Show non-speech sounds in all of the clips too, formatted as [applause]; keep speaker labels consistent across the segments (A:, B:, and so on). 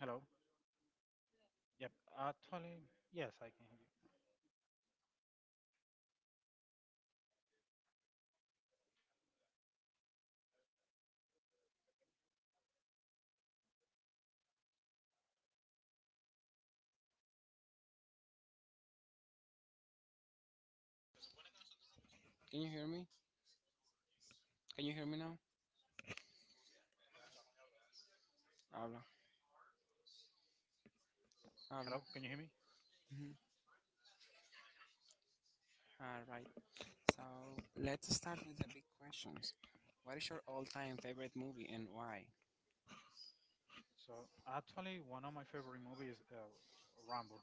A: Hello. Yep. Actually, yes, I can hear you.
B: Can you hear me? Can you hear me now? Habla, habla.
A: Hello, can you hear me?
B: Mhm. All right. So let's start with the big questions. What is your all-time favorite movie and why?
A: So, actually, one of my favorite movies is Rambo.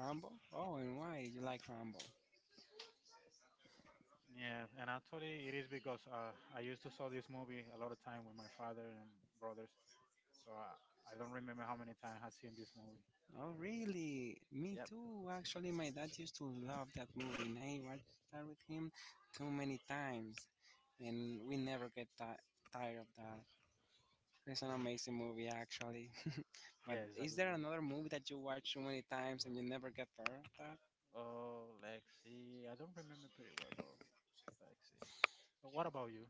B: Rambo? Oh, and why you like Rambo?
A: Yeah, and actually, it is because I used to saw this movie a lot of time with my father and brothers. So I don't remember how many times I've seen this movie.
B: Oh, really? Me too. Actually, my dad used to love that movie, and I watched that with him too many times, and we never get tired of that. It's an amazing movie, actually. [laughs] But
A: Yeah, it's a
B: is
A: good
B: there
A: one.
B: another movie that you watch too many times and you never get bored of that?
A: Oh, let's see. I don't remember pretty well, but let's see. But what about you?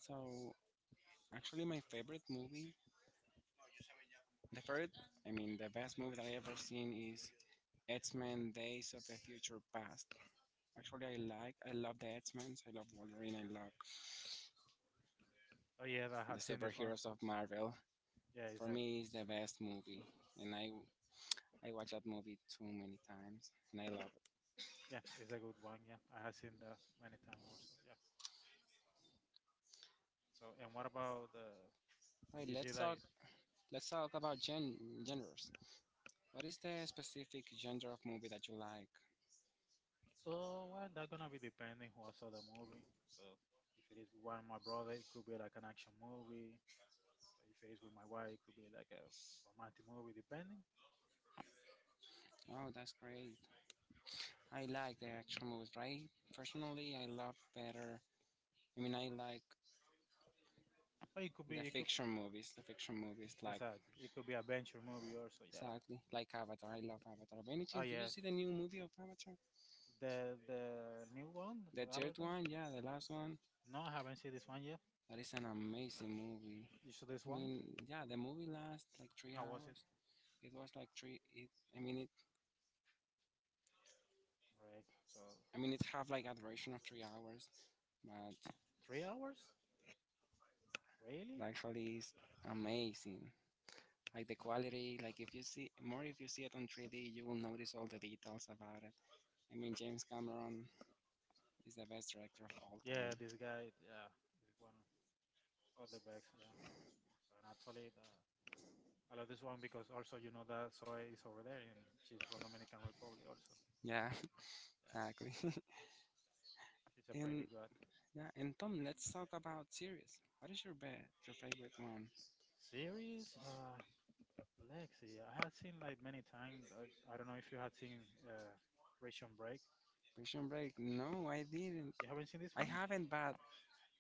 B: So, actually, my favorite movie, the favorite, I mean, the best movie that I ever seen is X-Men: Days of the Future Past. Actually, I love the X-Men. I love Wolverine. I love
A: Oh yeah, I
B: the
A: had seen this one
B: superheroes
A: too.
B: of Marvel.
A: Yeah, it's
B: For
A: a
B: me, it's the best movie, and I watch that movie too many times, and I love
A: yeah, it's a good one. Yeah, I have seen that many times also. Yeah. So, and what about the?
B: it. Right,
A: You see,
B: let's talk
A: like,
B: let's talk about genres. What is the specific genre of movie that you like?
A: oh, well, that's gonna be depending who I saw the movie. So, if it is with one of my brother, it could be like an action movie. So if it is with my wife, it could be like a romantic movie, depending.
B: Oh, that's great. I like the action movies, right? Personally, I love better. I mean, I like
A: Or it could be,
B: The
A: it could
B: fiction movies, the fiction movies, like
A: exactly, it could be adventure movie also. Yeah.
B: exactly like Avatar. I love Avatar. By any
A: Oh
B: chance, did
A: yeah,
B: you see the new movie of Avatar?
A: the new one
B: The
A: for
B: third
A: Avatar.
B: one, yeah, the last one.
A: No, I haven't seen this one yet.
B: That is an amazing movie.
A: You saw this
B: I
A: one?
B: mean, yeah, the movie lasts like three
A: How was it?
B: hours. It was like three. It, I mean, it.
A: Right. So
B: I mean, it have like a duration of 3 hours, but
A: 3 hours?
B: it
A: Really?
B: actually is amazing. Like the quality, if you see it on 3D, you will notice all the details about it. I mean, James Cameron is the best director of all time.
A: Yeah, this guy. Yeah, this one of the best. Yeah. So, and actually, I love this one because also you know that Zoe is over there and she's from Dominican Republic also.
B: Yeah.
A: Yeah,
B: Exactly. [laughs]
A: she's a pretty
B: And
A: good
B: yeah, and Tom, let's talk about series. What is your favorite one?
A: series. Lexi, I had seen like many times. I don't know if you had seen Ration Break.
B: Prison Break? No, I didn't.
A: You haven't seen this
B: I
A: one?
B: haven't, but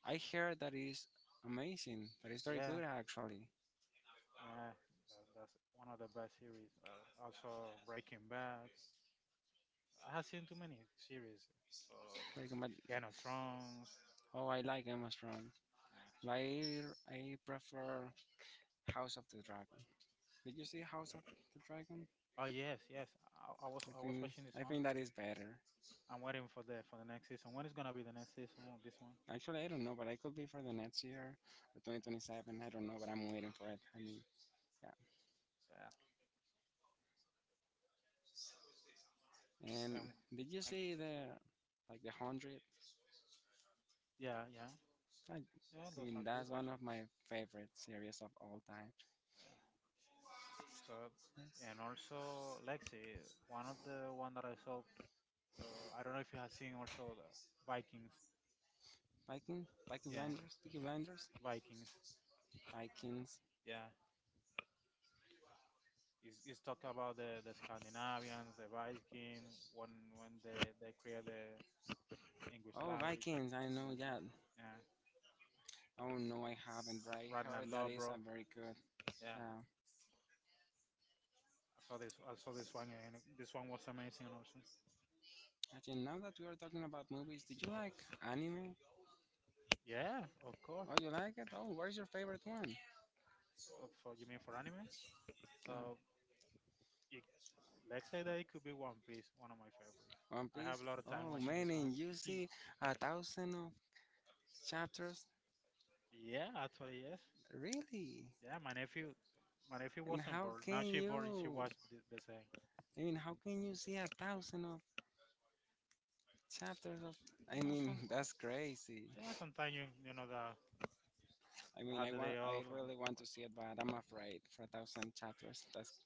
B: I heard that is amazing. That is very
A: Yeah,
B: good, actually.
A: yeah. That's one of the best series. Also Breaking Bad. I have seen too many series. So
B: Very good, but
A: Game of Thrones.
B: oh, I like Emma Stone.
A: Yeah.
B: But I prefer House of the Dragon. Did you see House of the Dragon?
A: Oh yes, yes. I, I was
B: I
A: I was
B: think
A: watching this
B: I
A: one.
B: think that is better.
A: I'm waiting for the next season. When is gonna be the next season of this one?
B: Actually, I don't know, but I could be for the next year or 2027. I don't know, but I'm waiting for it. I mean. Yeah.
A: Yeah.
B: And
A: And,
B: did you
A: and
B: see the like the hundred?
A: yeah, yeah, yeah,
B: I
A: those
B: mean,
A: are good
B: that's one
A: also.
B: of my favorite series of all time.
A: Yeah. So and also Lexi, one of the one that I saw. I don't know if you have seen also the Vikings.
B: Viking
A: Yeah,
B: Blinders, Peaky Blinders,
A: Vikings.
B: Vikings.
A: Yeah. It's talk about the Scandinavians, the Vikings, when they create the English
B: Oh,
A: language.
B: Vikings! I know
A: hmm
B: that.
A: Yeah.
B: Oh no, I haven't. But I
A: Ragnar
B: heard that is a
A: Lodbrok.
B: very good.
A: Yeah.
B: Yeah.
A: I saw this. I saw this one, and this one was amazing. Also,
B: Actually, now that we are talking about movies, did you like anime?
A: yeah, of course.
B: Oh, you like it? Oh, what is your favorite one?
A: For you mean for anime?
B: Yeah.
A: Uh, it, let's say that it could be One Piece, one of my favorite.
B: One
A: I have
B: Piece.
A: a lot of time
B: Oh
A: watching
B: man,
A: this
B: and
A: one.
B: you
A: [laughs]
B: see 1,000 chapters.
A: Yeah, actually, yes.
B: Really?
A: Yeah, my nephew
B: And
A: wasn't
B: how
A: born. Now
B: can
A: she's born, and she
B: you?
A: watched the same.
B: I mean, how can you see 1,000 chapters of? I
A: No,
B: mean,
A: some
B: [laughs] that's crazy.
A: yeah, sometimes you know that
B: I mean,
A: had the day
B: I
A: off and
B: really want
A: watch.
B: to see it, but I'm afraid for 1,000 chapters. That's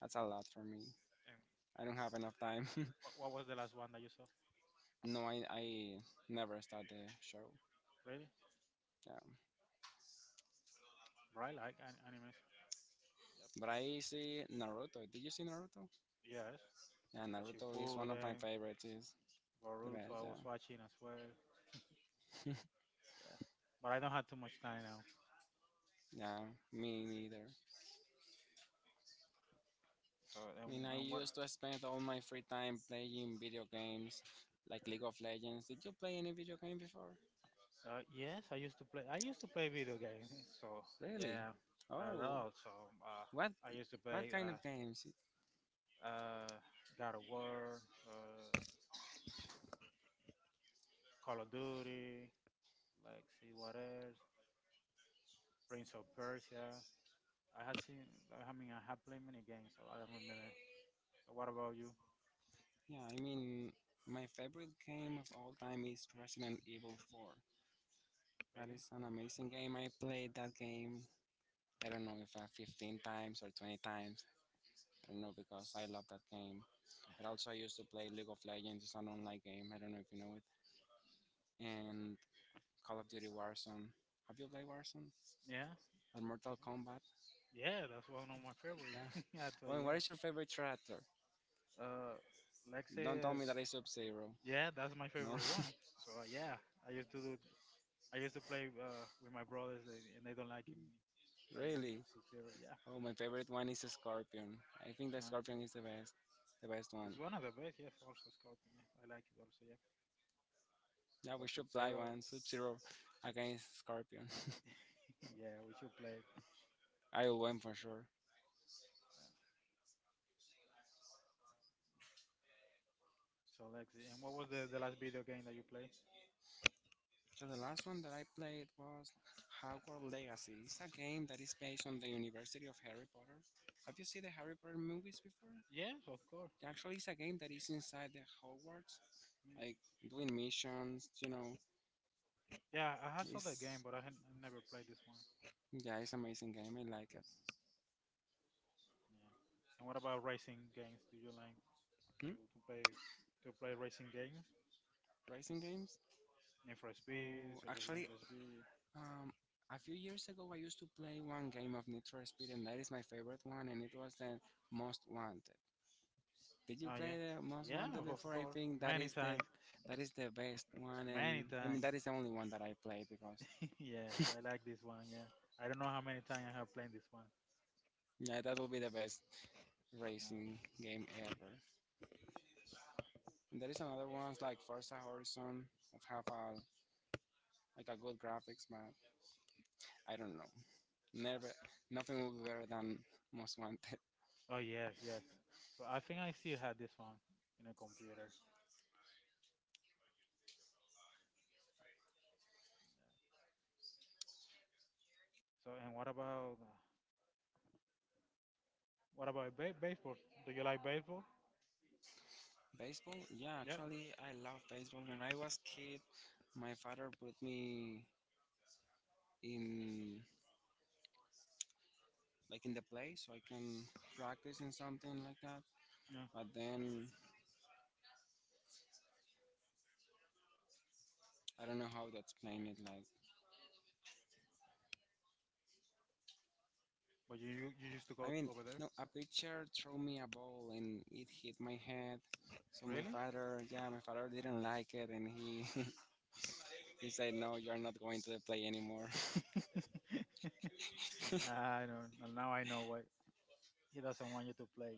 B: that's a lot for me.
A: And
B: I don't have enough time.
A: what was the last one that you saw?
B: [laughs] No, I never start the show.
A: Really?
B: Yeah,
A: Right, like an, animes. Yep.
B: but I see Naruto. Did you see Naruto?
A: Yes,
B: Yeah,
A: the
B: Naruto is one of my
A: Shippuden.
B: favorites. Is the
A: Boruto I
B: best.
A: was
B: Yeah,
A: watching as well. Yeah, but I don't have too much time now.
B: [laughs] yeah, me neither.
A: So
B: I mean, I
A: and what?
B: used to spend all my free time playing video games like League of Legends. Did you play any video game before?
A: Yes, I used to play. I used to play video games. [laughs] So
B: Really?
A: yeah, a
B: Oh,
A: lot. So uh,
B: what
A: I used to
B: what
A: play
B: kind of games?
A: uh, God of War, Call of Duty. Like see what else? Prince of Persia. I had seen. I mean, I had played many games. So I don't remember. So what about you?
B: Yeah, I mean, my favorite game of all time is Resident Evil 4. That
A: Really?
B: is an amazing game. I played that game. I don't know if 15 times or 20 times. I don't know because I love that game. But also, I used to play League of Legends. It's an online game. I don't know if you know it. And Call of Duty Warzone. Have you played Warzone?
A: Yeah.
B: On Mortal Kombat.
A: Yeah, that's one of my favorite.
B: Yeah.
A: [laughs]
B: [laughs]
A: Actually,
B: Owen, what
A: yes.
B: is your favorite character?
A: Uh, like
B: Don't
A: say
B: tell me that is Sub Zero.
A: Yeah, that's my
B: No,
A: favorite one. So yeah, I used to do. I used to play with my brothers, and they don't like me
B: [laughs]
A: playing with
B: really.
A: Sub Zero. Yeah,
B: Oh, my favorite one is Scorpion. I think the
A: uh,
B: Scorpion is the best one.
A: it's one of the best. Yes, also Scorpion. Yeah, I like it also. Yeah,
B: Yeah,
A: but
B: we
A: Sub
B: should play
A: Zero.
B: one Sub Zero against Scorpion.
A: [laughs] Yeah, we should play.
B: [laughs] I will
A: We
B: win
A: should
B: for
A: play.
B: sure.
A: Yeah. So Lexi, and what was the last video game that you played?
B: So the last one that I played was Hogwarts Legacy. It's a game that is based on the University of Harry Potter. Have you seen the Harry Potter movies before?
A: Yes, of course.
B: Actually, it's a game that is inside the Hogwarts,
A: Mm.
B: like doing missions. You know,
A: Yeah, I had saw that
B: it's
A: game, but I never played this one.
B: Yeah, it's amazing game. I like it.
A: Yeah. And what about racing games? Do you like
B: Hmm?
A: to, to play to play racing games?
B: Racing games?
A: Need for Speed,
B: Oh,
A: such as Need
B: actually,
A: for Speed.
B: um, a few years ago I used to play one game of Need for Speed, and that is my favorite one, and it was the Most Wanted. Did you
A: Oh yeah,
B: play the Most
A: yeah,
B: Wanted
A: of
B: before? I
A: course,
B: think that
A: many
B: is the
A: times,
B: that is the best one,
A: many
B: and I mean
A: times.
B: that is the only one that I played because
A: [laughs] Yeah, I like this one. Yeah, I don't know how many times I have played this one.
B: yeah, that will be the best
A: Yeah.
B: racing game ever. And there is another ones like Forza Horizon that have a like a good graphics, but I don't know. Never, nothing will be better than Most Wanted.
A: Oh yes, yes. So I think I still had this one in a computer. So and what about baseball? Do you like baseball?
B: Baseball? Yeah,
A: Yep.
B: actually, I love baseball. When I was kid, my father put me in like in the play so I can practice in something like that.
A: Yeah.
B: But then I don't know how to explain it. Like,
A: But you used to
B: I
A: go
B: mean,
A: over there?
B: no, a pitcher threw me a ball and it hit my head. So my
A: Really?
B: father, yeah, my father didn't like it, and he [laughs] he said, "No, you're not going to the play anymore." [laughs]
A: [laughs] I don't. Now I know why he doesn't want you to play.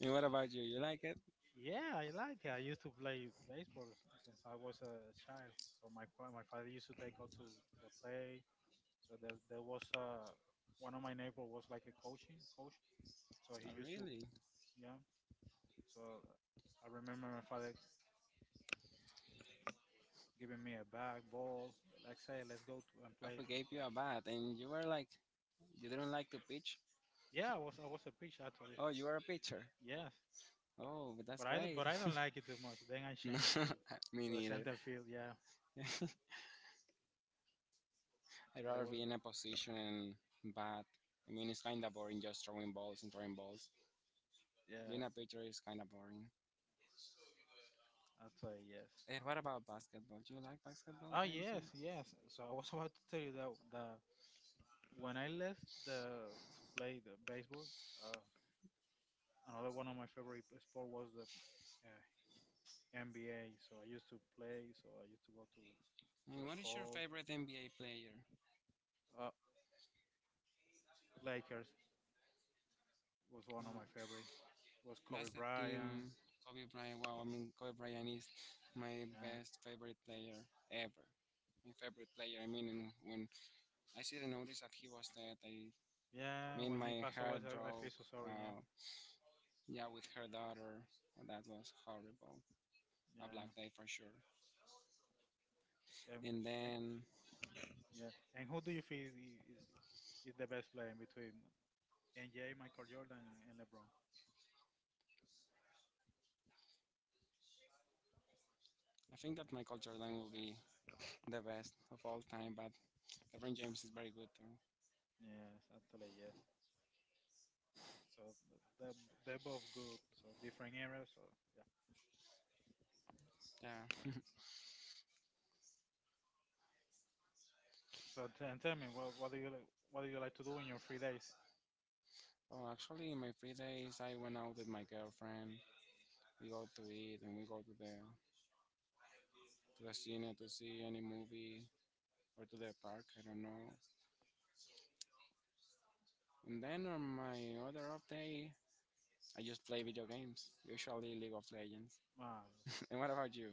B: And what about you? You like it?
A: Yeah, I like it. I used to play baseball since I was a child. So my my father used to take out to play. So there was one of my neighbor was like a coaching coach. So
B: Oh,
A: he used to
B: really?
A: yeah. So I remember my father giving me a bag, ball, like say, let's go to and
B: I
A: play. So,
B: forgave
A: so
B: you a bat, and you were like, you didn't like to pitch.
A: yeah, I was a pitch actually.
B: Oh, you were a pitcher.
A: Yes,
B: Oh, but that's great.
A: but I don't
B: [laughs]
A: like it too much. Then I
B: No,
A: changed
B: [laughs] me
A: to the
B: neither.
A: center field. Yeah,
B: [laughs] I'd
A: but I
B: rather
A: was
B: be in a position and bat. I mean, it's kind of boring just throwing balls and throwing balls. Being
A: yeah
B: a pitcher is kind of boring.
A: actually yes.
B: And what about basketball? Do you like basketball,
A: Ah, yes,
B: Benson?
A: yes. So I was [laughs] about to tell you that that when I left the to play the baseball, uh, another one of my favorite sport was the uh, NBA. So I used to play. So I used to go to
B: And
A: the
B: what is your
A: call.
B: favorite NBA player?
A: Uh, Lakers was one of my
B: Uh,
A: favorite. Was Kobe
B: that's the
A: Bryant.
B: team Kobe Bryant. Wow, I mean, Kobe Bryant is my
A: Yeah,
B: best favorite player ever. My favorite player. I mean, when I still noticed that he was dead. I
A: yeah.
B: mean,
A: When he
B: my
A: passed away,
B: heart
A: I feel
B: broke.
A: so sorry. Yeah,
B: Well, yeah, with her daughter, that was horrible. A
A: yeah.
B: black day for sure.
A: And,
B: And
A: and
B: then
A: yeah. And who do you feel is the best player in between? NJ, Michael Jordan, and LeBron.
B: I think that Michael Jordan will be the best of all time, but LeBron James is very good too.
A: Yes, actually, yes. So they're both good. So different eras. So yeah.
B: Yeah.
A: So and tell me what do you what do you like to do in your free days?
B: [laughs] Oh, actually, in my free days, I went out with my girlfriend. We go to eat and we go to the cinema to see any movie or to the park. I don't know. And then on my other off day, I just play video games, usually League of Legends.
A: Ah, I see.
B: [laughs] And what about you?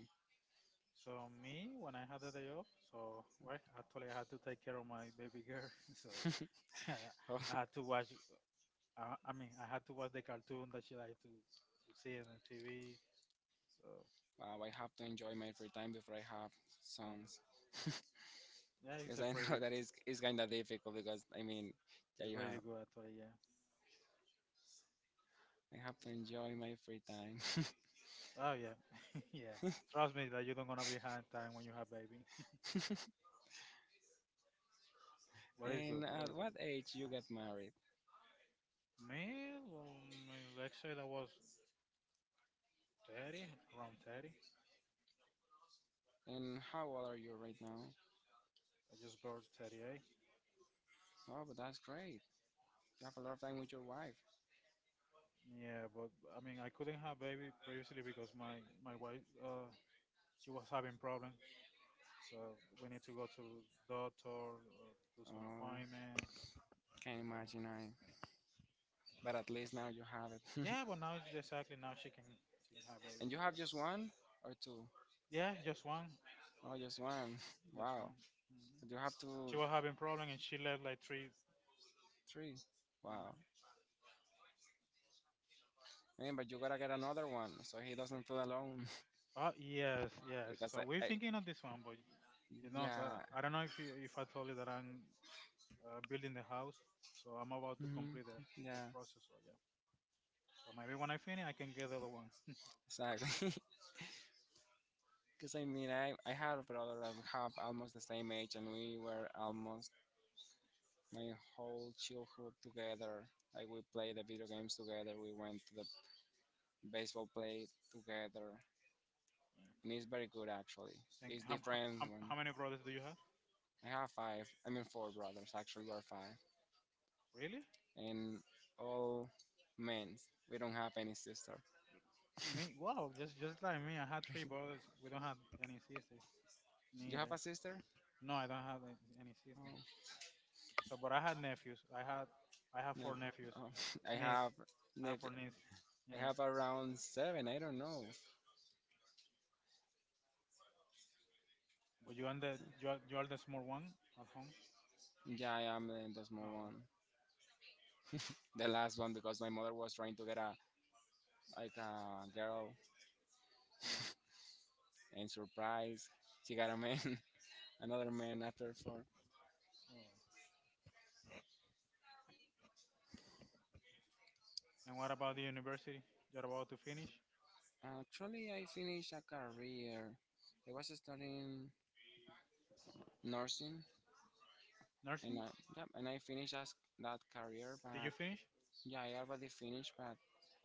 A: So me when I had the day off, so well actually I had to take care of my baby girl. [laughs] So
B: [laughs]
A: [laughs]
B: Oh,
A: I had to watch. I had to watch the cartoon that she liked to see on the TV. So
B: wow, I have to enjoy my free time before I have sons.
A: yeah,
B: [laughs]
A: yeah it's
B: Because
A: a
B: I
A: pretty
B: know that is kind of difficult because I mean, there
A: it's
B: you
A: pretty
B: have.
A: good actually. Yeah.
B: I have to enjoy my free time.
A: Oh yeah, [laughs] yeah. Trust me that you don't gonna be behind time when you have baby. [laughs]
B: [laughs]
A: What is good?
B: And
A: What is
B: at what
A: good?
B: age you get married?
A: Me, well, my- let's say that was 30, around 30.
B: And how old are you right now?
A: I just bought 38.
B: Oh, but that's great. You have a lot of time with your wife.
A: Yeah, but I mean, I couldn't have baby previously because my wife, she was having problem. So we need to go to doctor, do some
B: Oh,
A: appointment.
B: can't
A: So yeah,
B: imagine I. But at least now you have it.
A: yeah.
B: [laughs]
A: But now exactly now she can have baby.
B: And you
A: So
B: have
A: yeah,
B: just one or two?
A: yeah, just one,
B: Oh, just one. [laughs]
A: just
B: Wow.
A: one. hmm
B: So you have to
A: She was having problem and she left like 3.
B: three. Wow.
A: Mhm.
B: Man, but you gotta get another one so he doesn't feel alone.
A: Yes,
B: [laughs]
A: yes.
B: Because
A: So
B: I,
A: we're
B: I
A: thinking on this one, but you know,
B: yeah,
A: I don't know if if I told you that I'm building the house, so I'm about to
B: hmm
A: complete the
B: yeah,
A: process. So yeah. So maybe when I finish, I can get the other one.
B: exactly. [laughs] Because I mean, I had a brother that we have almost the same age, and we were almost my whole childhood together. Like we played the video games together. We went to the baseball play together, and he's very good actually.
A: And
B: He's different when
A: how many brothers do you have?
B: I have five. I mean four brothers actually. We're five.
A: Really?
B: And all men. We don't have any sister.
A: Me?
B: [laughs]
A: Wow, just like me. I had three brothers. We don't have any sisters
B: You have
A: neither.
B: a sister?
A: No, I don't have any
B: Oh,
A: sisters. So, but I had nephews. I had I have
B: no.
A: four nephews,
B: Oh, [laughs] I
A: niece.
B: have
A: I have
B: lived-
A: four nieces.
B: I
A: Yes.
B: have around seven. I don't know.
A: But you are you are the small one at home.
B: Yeah, I am the small
A: Ah, okay.
B: one. The last one because my mother was trying to get a like a girl,
A: Mm.
B: [laughs] and surprise, she got a man, [laughs] another man after four.
A: And what about the university? You're about to finish
B: Actually, I finished a career. I was studying nursing, and
A: nursing.
B: yep, and I finished as that career, but
A: Did you finish?
B: Yeah, I already finished, but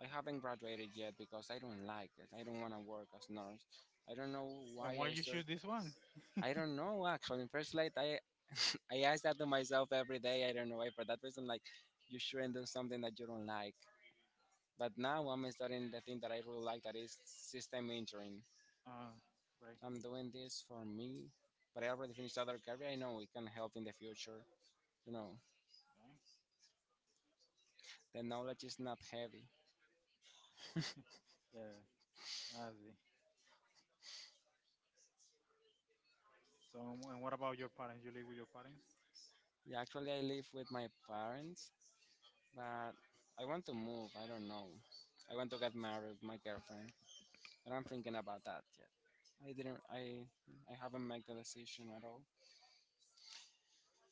B: I haven't graduated yet because I don't like it. I don't want to work as nurse. I don't know
A: And
B: why
A: why
B: I
A: you
B: started.
A: choose this one?
B: I don't know actually. In first light, I [clears throat] I ask that to myself every day. I don't know why. For that reason, like you shouldn't do something that you don't like. But now I'm studying the thing that I really like, that is system engineering.
A: Ah, right.
B: I'm doing this for me, but I already finished other career. I know it can help in the future. You know,
A: Ah,
B: the knowledge is not heavy. [laughs]
A: yeah, I see. So and what about your parents? You live with your parents?
B: Yeah, actually, I live with my parents, but I want to move. I don't know. I want to get married with my girlfriend, but I'm thinking about that yet. I didn't. I haven't made the decision at all.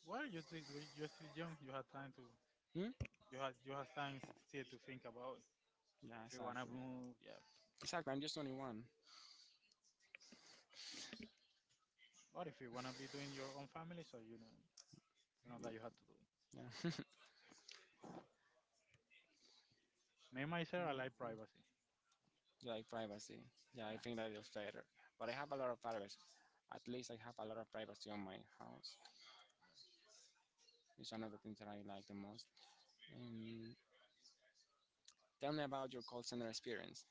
A: Well, you're still young. You have time to
B: Hmm?
A: you have time still to think about it. So
B: Yeah,
A: if you wanna
B: exactly.
A: move, yeah.
B: Exactly, I'm just 21.
A: But if you wanna be doing your own family, so you know that you have to do it.
B: Yeah. [laughs]
A: Me myself, I like
B: Yeah,
A: privacy.
B: like privacy. Yeah, I
A: Yeah.
B: think that is better. But I have a lot of privacy. At least I have a lot of privacy on my house. It's one of the things that I like the most. Um, tell me about your call center experience.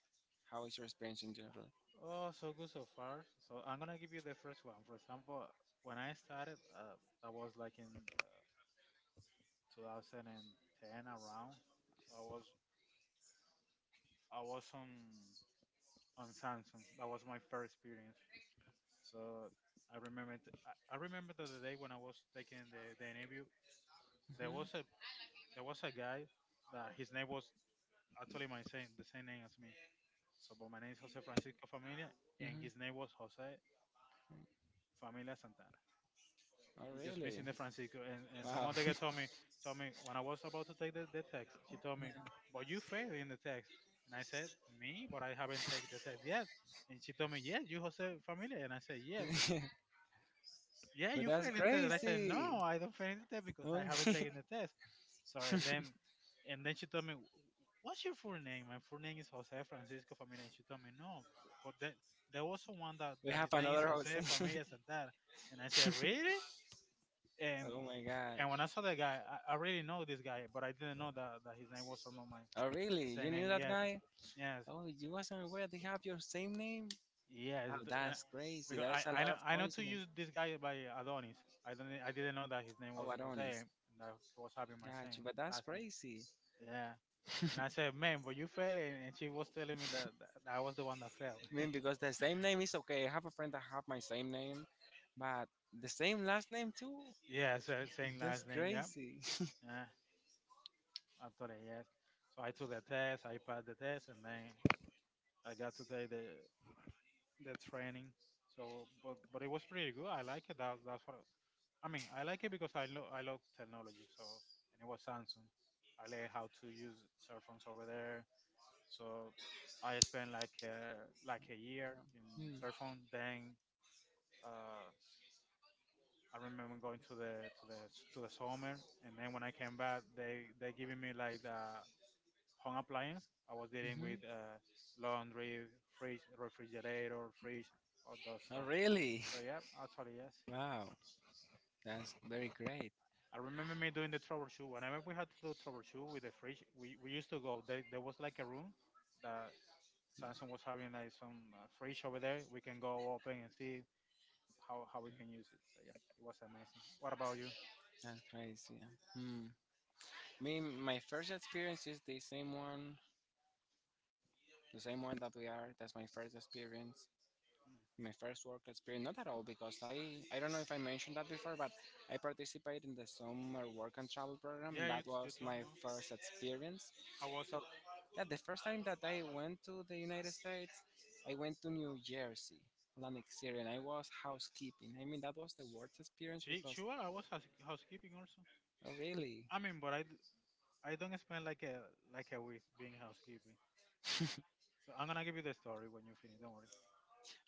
B: How is your experience in general?
A: Oh, so good so far. So I'm gonna give you the first one. For example, when I started, I was like in 2010 around. So I was on Samsung. That was my first experience. So I remember it, I remember that the day when I was taking the interview, there was
B: hmm
A: a there was a guy that his name was actually my same the same name as me. So but my name is Jose Francisco Familia, and his
B: hmm.
A: name was Jose Familia Santana.
B: Oh,
A: Just
B: really?
A: missing the Francisco. And
B: Wow.
A: someone they
B: [laughs]
A: told me when I was about to take the text, she told me, but you failed in the text. And I said, me, but I haven't taken the text yet. And she told me, yes, you Jose Familia. And I said, yeah,
B: Yeah.
A: yeah,
B: [laughs] But
A: you
B: that's
A: failed in the test. And I said,
B: crazy.
A: no, I don't fail in the test because I
B: Oh,
A: haven't taken
B: [laughs]
A: the test. So and then she told me, what's your full name? My full name is Jose Francisco Familia. And she told me, no, but then there was someone that,
B: we
A: that
B: have
A: his name is
B: another
A: Jose
B: host.
A: Familia Santar. And I said,
B: [laughs]
A: really? And
B: Oh my god.
A: and when I saw that guy, I really know this guy, but I didn't know that his name was Solomon Mine.
B: Oh
A: The
B: really?
A: same
B: You knew
A: name,
B: that
A: yes,
B: guy?
A: yes,
B: Oh, you wasn't aware they have your same name?
A: yes.
B: Oh, that's crazy.
A: Because I,
B: That's a
A: I
B: lot
A: know
B: of
A: I know to use
B: coincidence.
A: this guy by Adonis. I didn't know that his name was
B: Oh,
A: Jose and
B: Adonis.
A: that he was having my same
B: Gotcha, but that's
A: last name.
B: crazy.
A: Yeah. And
B: [laughs]
A: I
B: I
A: said, man, but you failed, and she was telling me that I was the one that failed. [laughs]
B: mean, because the same name is okay. I have a friend that have my same name, but the same last name too.
A: Yeah, so same
B: That's
A: last name, yeah.
B: crazy. [laughs]
A: Yeah, I told her yes. So I took the test, I passed the test, and then I got to take the training. So, but it was pretty good. I like it. That's what I mean. I like it because I love technology. So, and it was Samsung. I learned how to use cell phones over there. So, I spent like a year
B: Yeah.
A: in
B: Hmm.
A: cell phone. Then uh, I remember going to the to the to the summer, and then when I came back, they giving me like the home appliance. I was dealing with
B: Mhm.
A: laundry, fridge, refrigerator, fridge, all that
B: Oh,
A: stuff.
B: really?
A: So yeah, actually yes.
B: [laughs] Wow, that's very great.
A: I remember me doing the troubleshoot. Whenever we had to do troubleshoot with the fridge, we used to go. There was like a room that Samsung was having like some fridge over there. We can go open and see how we can use it. So yeah, it was amazing. What about you?
B: That's crazy. Hmm. Me, my first experience is the same one, that we are. That's my first experience, my first work experience. Not at all, because I don't know if I mentioned that before, but I participated in the summer work and travel program,
A: Yeah,
B: and that
A: you
B: was
A: told
B: my
A: me. Oh.
B: first experience.
A: How was
B: So,
A: it?
B: yeah, the first time that I went to the United States, I went to New Jersey, Atlantic City, and I was housekeeping. I mean, that was the worst experience
A: She,
B: because,
A: sure, I was housekeeping also.
B: oh, really?
A: I mean, but I don't spend like a week being housekeeping.
B: [laughs]
A: So I'm gonna give you the story when you finish. Don't worry.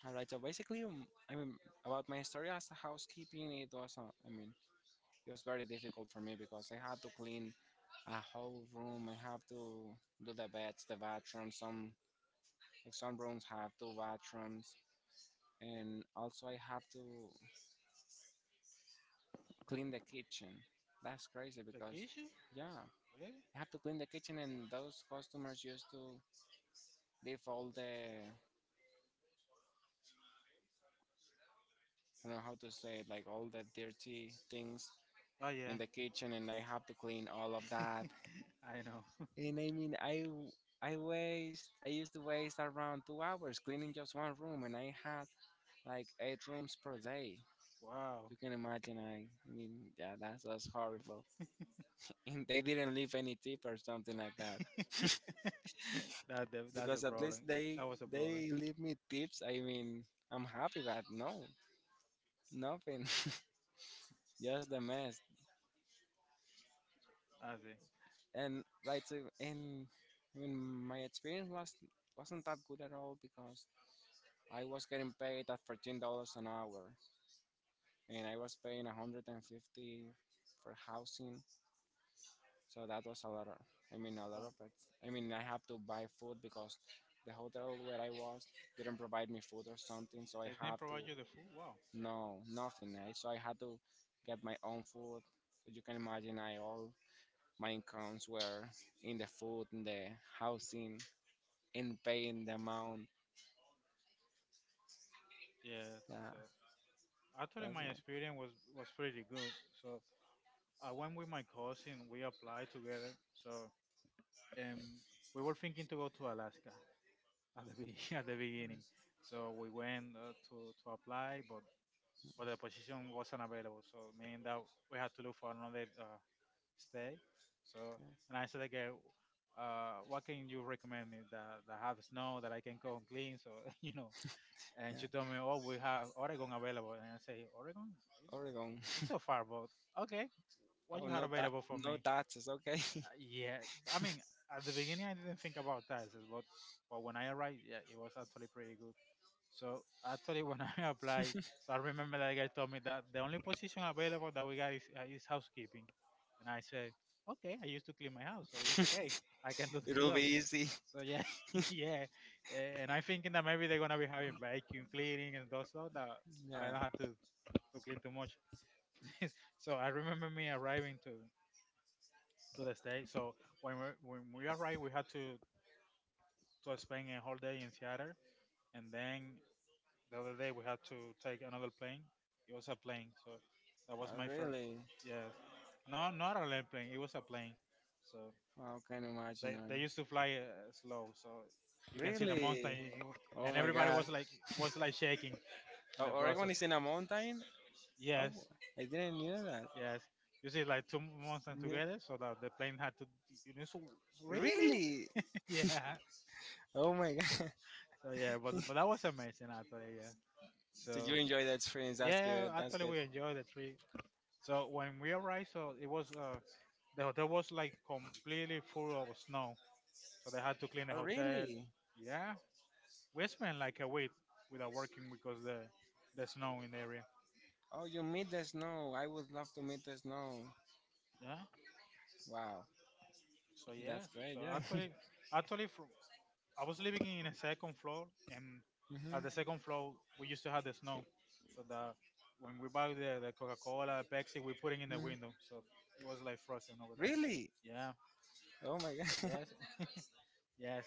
B: All right. So basically, I mean, about my story as a housekeeping, it was, I mean, it was very difficult for me because I had to clean a whole room. I have to do the beds, the bathrooms. Some like some rooms have two bathrooms, and also I have to clean the kitchen. That's crazy
A: The
B: because,
A: kitchen?
B: yeah,
A: Really?
B: I have to clean the kitchen, and those customers used to leave all the I don't know how to say it, like all the dirty things
A: Oh yeah,
B: in the kitchen, and I have to clean all of that.
A: I know. [laughs]
B: And I mean, I used to waste around 2 hours cleaning just one room, and I had like eight rooms per day.
A: Wow.
B: You can imagine. I mean, yeah, that was horrible. [laughs] And they didn't leave any tip or something like that,
A: [laughs]
B: [laughs]
A: That that's a
B: because at
A: problem.
B: least
A: That
B: they
A: was a
B: they
A: problem.
B: leave me tips. I mean, I'm happy, but no, nothing, [laughs] just the mess.
A: I see.
B: And right, so, and I mean, my experience was wasn't that good at all because I was getting paid at $13 an hour, and I was paying 150 for housing. So that was a lot of, I mean, a lot
A: Wow.
B: of it. I mean, I have to buy food because the hotel where I was didn't provide me food or something. So I
A: They didn't
B: have to,
A: provide you the food. Wow.
B: no, nothing. Right? So I had to get my own food. But you can imagine, I all my incomes were in the food, in the housing, in paying the amount.
A: Yeah.
B: Yeah,
A: So actually,
B: that's
A: my
B: what. Okay.
A: experience was pretty good. So I went with my cousin. We applied together. So um, we were thinking to go to Alaska [laughs] [laughs] at the beginning. So we went to apply, but the position wasn't available. So meaning that we had to look for another stay. So, and I said, okay, what can you recommend me that have snow that I can go and clean? So, [laughs] you know, and
B: Yeah.
A: she told me, oh, we have Oregon available. And I say, Oregon? Really?
B: Oregon.
A: It's so far, but okay. What
B: Oh,
A: you had
B: no, that
A: available for
B: no
A: me?
B: taxes. Okay,
A: Yeah. I mean, at the beginning, I didn't think about taxes, but when I arrived, yeah, it was actually pretty good. So actually, when [laughs] I applied, so I remember that guy told me that the only position available that we got is housekeeping, and I said, okay, I used to clean my house, so it's okay, I can do
B: [laughs]
A: [laughs] the
B: it'll be
A: job.
B: easy.
A: So, so yeah, [laughs] yeah, and I'm thinking that maybe they're gonna be having vacuum cleaning and those stuff that I
B: Yeah,
A: don't have to clean too much. [laughs] So I remember me arriving to the state. So when we arrived, we had to spend a whole day in Seattle, and then the other day we had to take another plane. It was a plane, so that was my
B: oh,
A: first.
B: really.
A: Yes, no, not an airplane. It was a plane. So
B: Wow, can imagine.
A: they
B: I-
A: used to fly slow, so you can see the monster,
B: Really? Oh
A: and
B: my
A: everybody
B: God.
A: was was like shaking in
B: Oh,
A: the process.
B: Oregon is in a mountain. Oh,
A: Yes,
B: I didn't know that.
A: yes. You see, like two monsters
B: Ne-
A: together, so that the plane had to. You know, so really,
B: Really?
A: [laughs] yeah.
B: Oh my God.
A: So yeah, but that was amazing actually. Yeah.
B: [laughs] Did you
A: So
B: enjoy that experience? That's
A: yeah,
B: good. That's
A: actually
B: good.
A: we enjoyed the trip. So when we arrived, so it was the hotel was like completely full of snow. So they had to clean the
B: Oh,
A: hotel.
B: really?
A: Yeah, we spent like a week without working because the snow in the area.
B: Oh, you meet the snow. I would love to meet the snow.
A: Yeah.
B: Wow,
A: So
B: that's
A: yes.
B: great.
A: So
B: Yeah. [laughs]
A: actually, fr I was living in a second floor, and at
B: hmm
A: the second floor we used to have the snow. So that when we buy the Coca Cola, Pepsi, we put it in the
B: hmm.
A: window. So it was like frozen over there.
B: Really?
A: Yeah.
B: Oh my God.
A: Yes.
B: [laughs]
A: [laughs] Yes.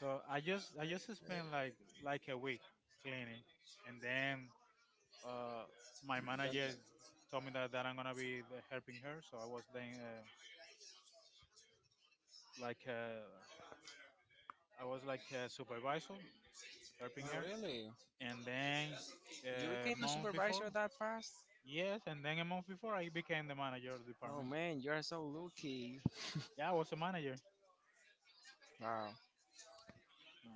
A: So I
B: Eh,
A: just spent like a week cleaning, and then uh, my manager told me that I'm gonna be helping her. So I was then like uh, I was like a supervisor helping
B: oh,
A: her,
B: really?
A: and then
B: You
A: a
B: became a
A: month before,
B: supervisor that fast?
A: yes, and then a month before I became the manager of the
B: Oh
A: department.
B: man, you are so lucky.
A: Yeah, I was a manager.
B: Wow.
A: Yeah,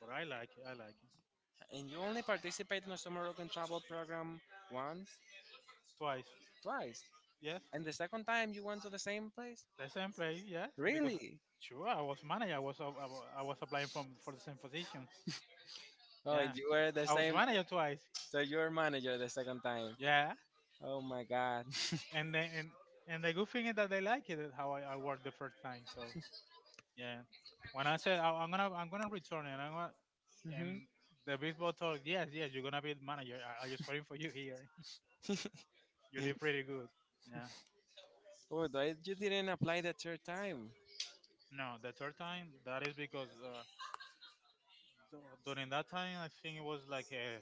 A: but I like it. I like it
B: And you only participated in a summer work and travel program once?
A: twice.
B: Twice.
A: Yes,
B: And the second time you went to the same place?
A: the same place. Yes, because
B: Really?
A: sure I was manager. I was applying for the same position.
B: Oh,
A: Yeah,
B: you were the
A: I was
B: same.
A: manager twice.
B: So you were manager the second time.
A: Yeah,
B: Oh my god. [laughs]
A: and then and, and the good thing is that they like it how I worked the first time. So yeah, when I said I'm gonna return and I'm gonna, and
B: Mhm.
A: the baseball told yes yes you're gonna be the manager. I just waiting for you here. [laughs] You did pretty good. Yeah.
B: Oh, but you didn't apply the third time.
A: No, the third time that is because during that time I think it was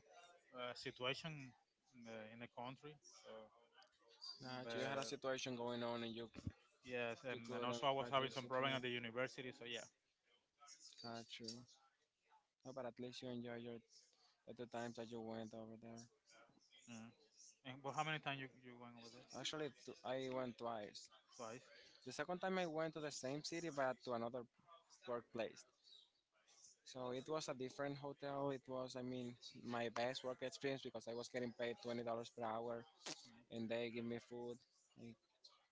A: a situation in the country. So
B: Nah, you had a
A: the
B: situation going on and you
A: yes
B: you
A: and
B: couldn't
A: also I was having some problem at
B: participate.
A: the university. So yeah.
B: Got you. No, but at least you enjoyed your the two times that you went over there.
A: Mm. And, but how many times you went over there?
B: Actually, I went twice.
A: Twice.
B: The second time I went to the same city, but to another workplace. So it was a different hotel. It was, I mean, my best work experience because I was getting paid $20 per hour, and they give me food, like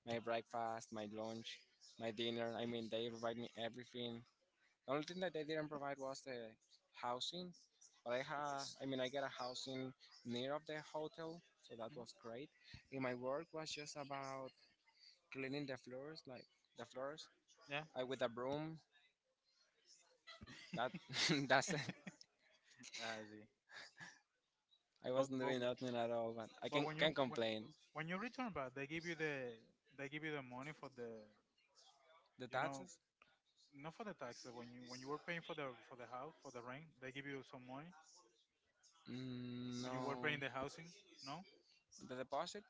B: my breakfast, my lunch, my dinner. I mean, they provide me everything. The only thing that they didn't provide was the housing, but I had, I mean, I get a housing near of the hotel, so that
A: Mhm.
B: was great. And my work was just about cleaning the floors, like the floors,
A: Yeah.
B: I with a broom. That [laughs] that's it.
A: [laughs] I see.
B: I
A: But
B: wasn't
A: but
B: doing nothing at all, but I
A: but
B: can complain.
A: when you return back, they give you the they give you the money for the
B: The
A: you know
B: taxes?
A: not for the taxes when you were paying for the house for the rent they give you some money
B: Mm,
A: when you were
B: no.
A: paying the housing. No.
B: The deposit?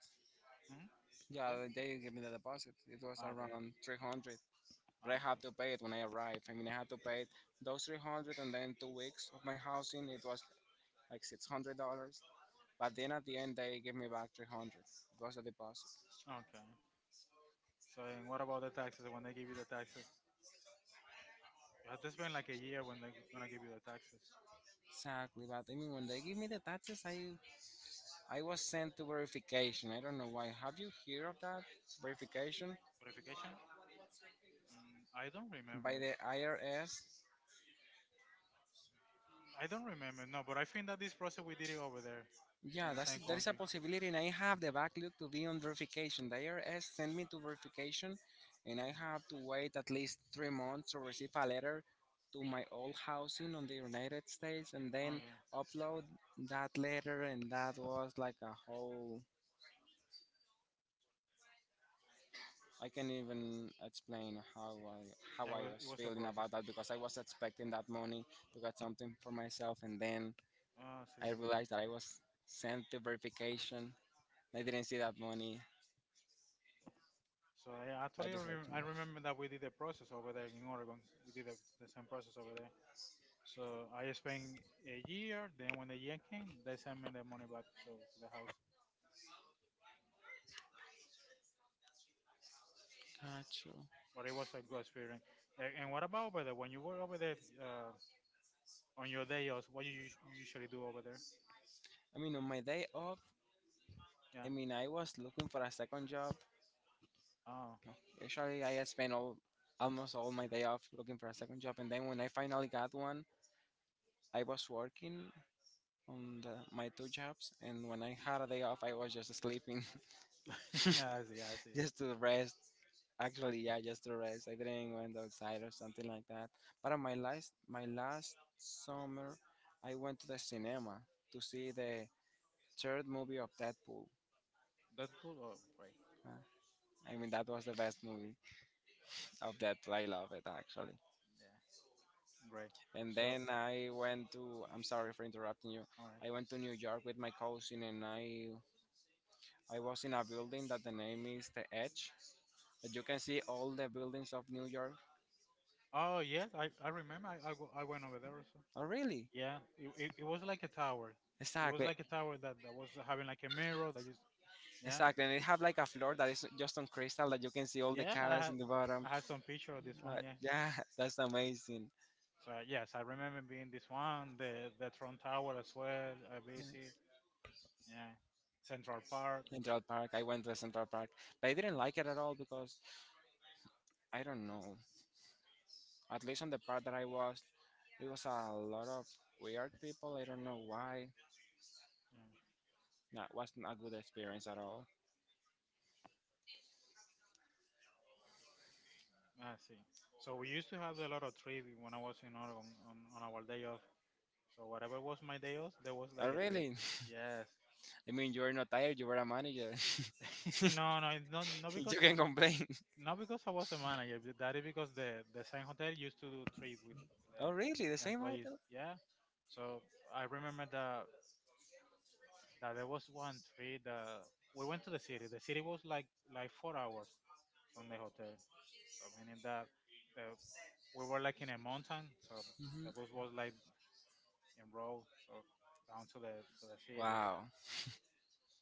A: Hmm.
B: Yeah,
A: Yeah.
B: they gave me the deposit. It was
A: Ah, okay.
B: around 300, but
A: Ah,
B: I had to
A: okay.
B: pay it when I arrived. I mean, I had to pay it those 300, and then 2 weeks of my housing. It was like $600. But then at the end, they gave me back 300. It was the deposit.
A: Okay. So and what about the taxes? When they give you the taxes, you have to spend like a year when they're gonna give you the taxes.
B: Exactly, but I mean, when they give me the taxes, I was sent to verification. I don't know why. Have you heard of that verification
A: Verification? Mm, I don't
B: by
A: remember.
B: the IRS?
A: I don't remember. No, but I think that this process we did it over there in
B: Yeah,
A: the
B: that's
A: same
B: that is a
A: country.
B: possibility, and I have the backlog to be on verification. The IRS sent me to verification, and I have to wait at least 3 months to receive a letter to my old housing on the United States, and then
A: Okay.
B: upload that letter, and that was like a whole I can even explain how
A: Yeah,
B: I
A: it
B: was
A: was a
B: feeling
A: process.
B: about that because I was expecting that money to get something for myself, and then
A: Oh, see.
B: I realized that I was sent to verification. I didn't see that money.
A: So yeah,
B: I deserved
A: I remember that we did the process over there in Oregon. We did the same process over there. So I spent a year. Then when the year came, they sent me the money back to the house.
B: Got you.
A: But it was a good experience. And what about over there? When you were over there on your day off, what you, you usually do over there?
B: I mean, on my day off,
A: Yeah.
B: I mean, I was looking for a second job.
A: Oh.
B: Usually, I spent all almost all my day off looking for a second job, and then when I finally got one, I was working on the, my two jobs, and when I had a day off, I was just sleeping.
A: [laughs] Yeah, I
B: [laughs]
A: see. I see.
B: Just to rest. Actually, yeah, just to rest. I didn't went outside or something like that. But on my last summer, I went to the cinema to see the third movie of Deadpool.
A: That's cool. Oh, great.
B: Uh, I mean, that was the best movie of Deadpool. I love it actually.
A: Yeah. Great.
B: And
A: So
B: then I went to. I'm sorry for interrupting you.
A: All right.
B: I went to New York with my cousin, and I was in a building that the name is the Edge. That you can see all the buildings of New York.
A: Oh yes, I remember. I went over there also.
B: Oh, really?
A: Yeah, it was like a tower. It was
B: Exactly.
A: like a tower that was having like a mirror that you. Yeah,
B: Exactly, and they have like a floor
A: but
B: that is just on crystal that you can see all the
A: yeah,
B: cars in the bottom.
A: I had some picture of this
B: Uh,
A: one. Yeah.
B: yeah, [laughs] that's amazing.
A: So yes, I remember being this one, the Tron Tower as well. I
B: Yeah.
A: visit. Yeah, Central Park.
B: Central Park. I went to Central Park, but I didn't like it at all because I don't know. At least on the part that I was, it was a lot of weird people. I don't know why. That wasn't a good experience at all.
A: Yeah, I see. So we used to have a lot of trees when I was in Oregon on our day off. So whatever was my day off, there was
B: Oh,
A: like a tree.
B: really?
A: Yes.
B: [laughs] I mean, you were not tired. You were a manager.
A: [laughs]
B: [laughs]
A: No, no, it's not because
B: You
A: of
B: can complain.
A: not because I was a manager, but that is because the same hotel used to do trade with
B: [laughs]
A: the
B: Oh, really? The
A: the
B: same
A: employees.
B: hotel?
A: Yeah. So I remember that there was one trade that we went to the city. The city was like 4 hours from the hotel. So meaning that the, we were like in a mountain, so the
B: Hmm.
A: bus was like in road, so down to the city. So
B: Wow.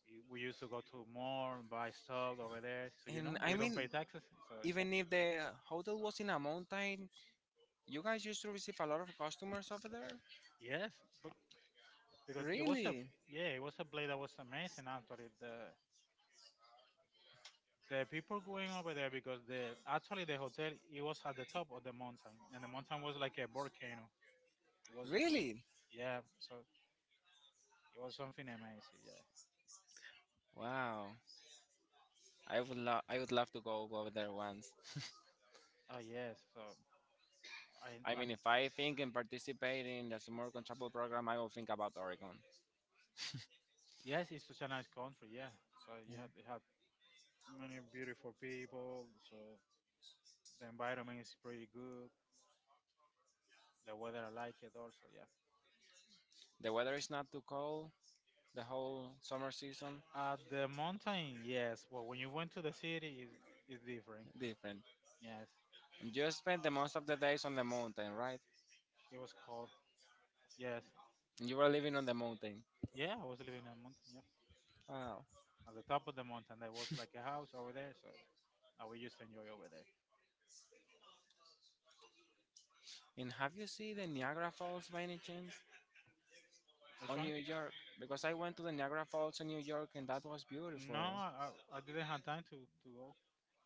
A: we used to go to more and buy stuff over there. So you know
B: And I
A: we don't
B: mean,
A: pay taxes. So yeah,
B: even if the hotel was in a mountain, you guys used to receive a lot of customers over there.
A: yes, but because it was a...
B: Really,
A: yeah, it was a place that was amazing. Actually, the people going over there, because the actually the hotel, it was at the top of the mountain, and the mountain was like a volcano. It was...
B: really.
A: yeah, so it was something amazing, yeah.
B: Wow. I would love. I would love to go over there once.
A: Oh yes, so i
B: I
A: i
B: mean, if I think and participate in the American Travel Program, I will think about Oregon.
A: yes, it's such a nice country, yeah. So you
B: Yeah.
A: have you have many beautiful people. So the environment is pretty good. The weather, I like it also, yeah.
B: The weather is not too cold. The whole summer season
A: At the mountain, yes, but when you went to the city, is different.
B: different.
A: Yes.
B: And you spent the most of the days on the mountain, right?
A: It was called... yes.
B: You were living on the mountain.
A: Yeah, I was living in a mountain. Yep,
B: Wow.
A: at the top of the mountain. There was like a house over there, so I would just enjoy over there.
B: And have you seen the Niagara Falls by any chance?
A: Which
B: On
A: one?
B: New York because I went to the Niagara Falls in New York and that was
A: No,
B: beautiful.
A: I, I I didn't have time to go.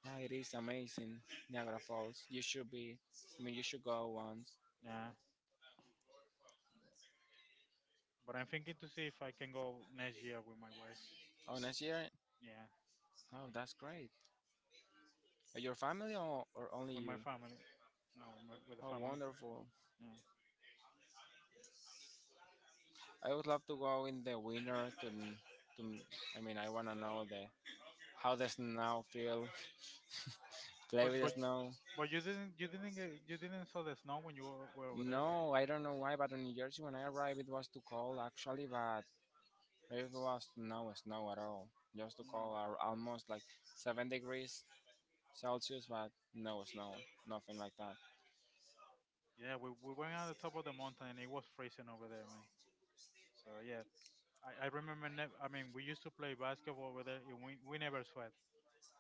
B: Yeah, it is amazing, Niagara Falls. You should be, I mean, you should go once.
A: Yeah, but I'm thinking to see if I can go next year with my wife.
B: Oh, next year?
A: Yeah,
B: Oh, that's great. Your family or only
A: with my
B: you?
A: family. No, with, my, with the
B: Oh,
A: family.
B: wonderful.
A: Yeah,
B: I would love to go in the winter to, to I mean, I want to know the how the snow feel, play
A: but
B: with the
A: but
B: snow.
A: but you didn't, get, you didn't saw the snow when you were over there.
B: No, I don't know why, but in New Jersey when I arrived, it was too cold actually, but it was no snow at all. Just to
A: Mm.
B: call are almost like 7 degrees Celsius, but no snow, nothing like that.
A: Yeah, we went on the top of the mountain and it was freezing over there, man. So yeah, I remember. I mean, we used to play basketball over there, and we never sweat.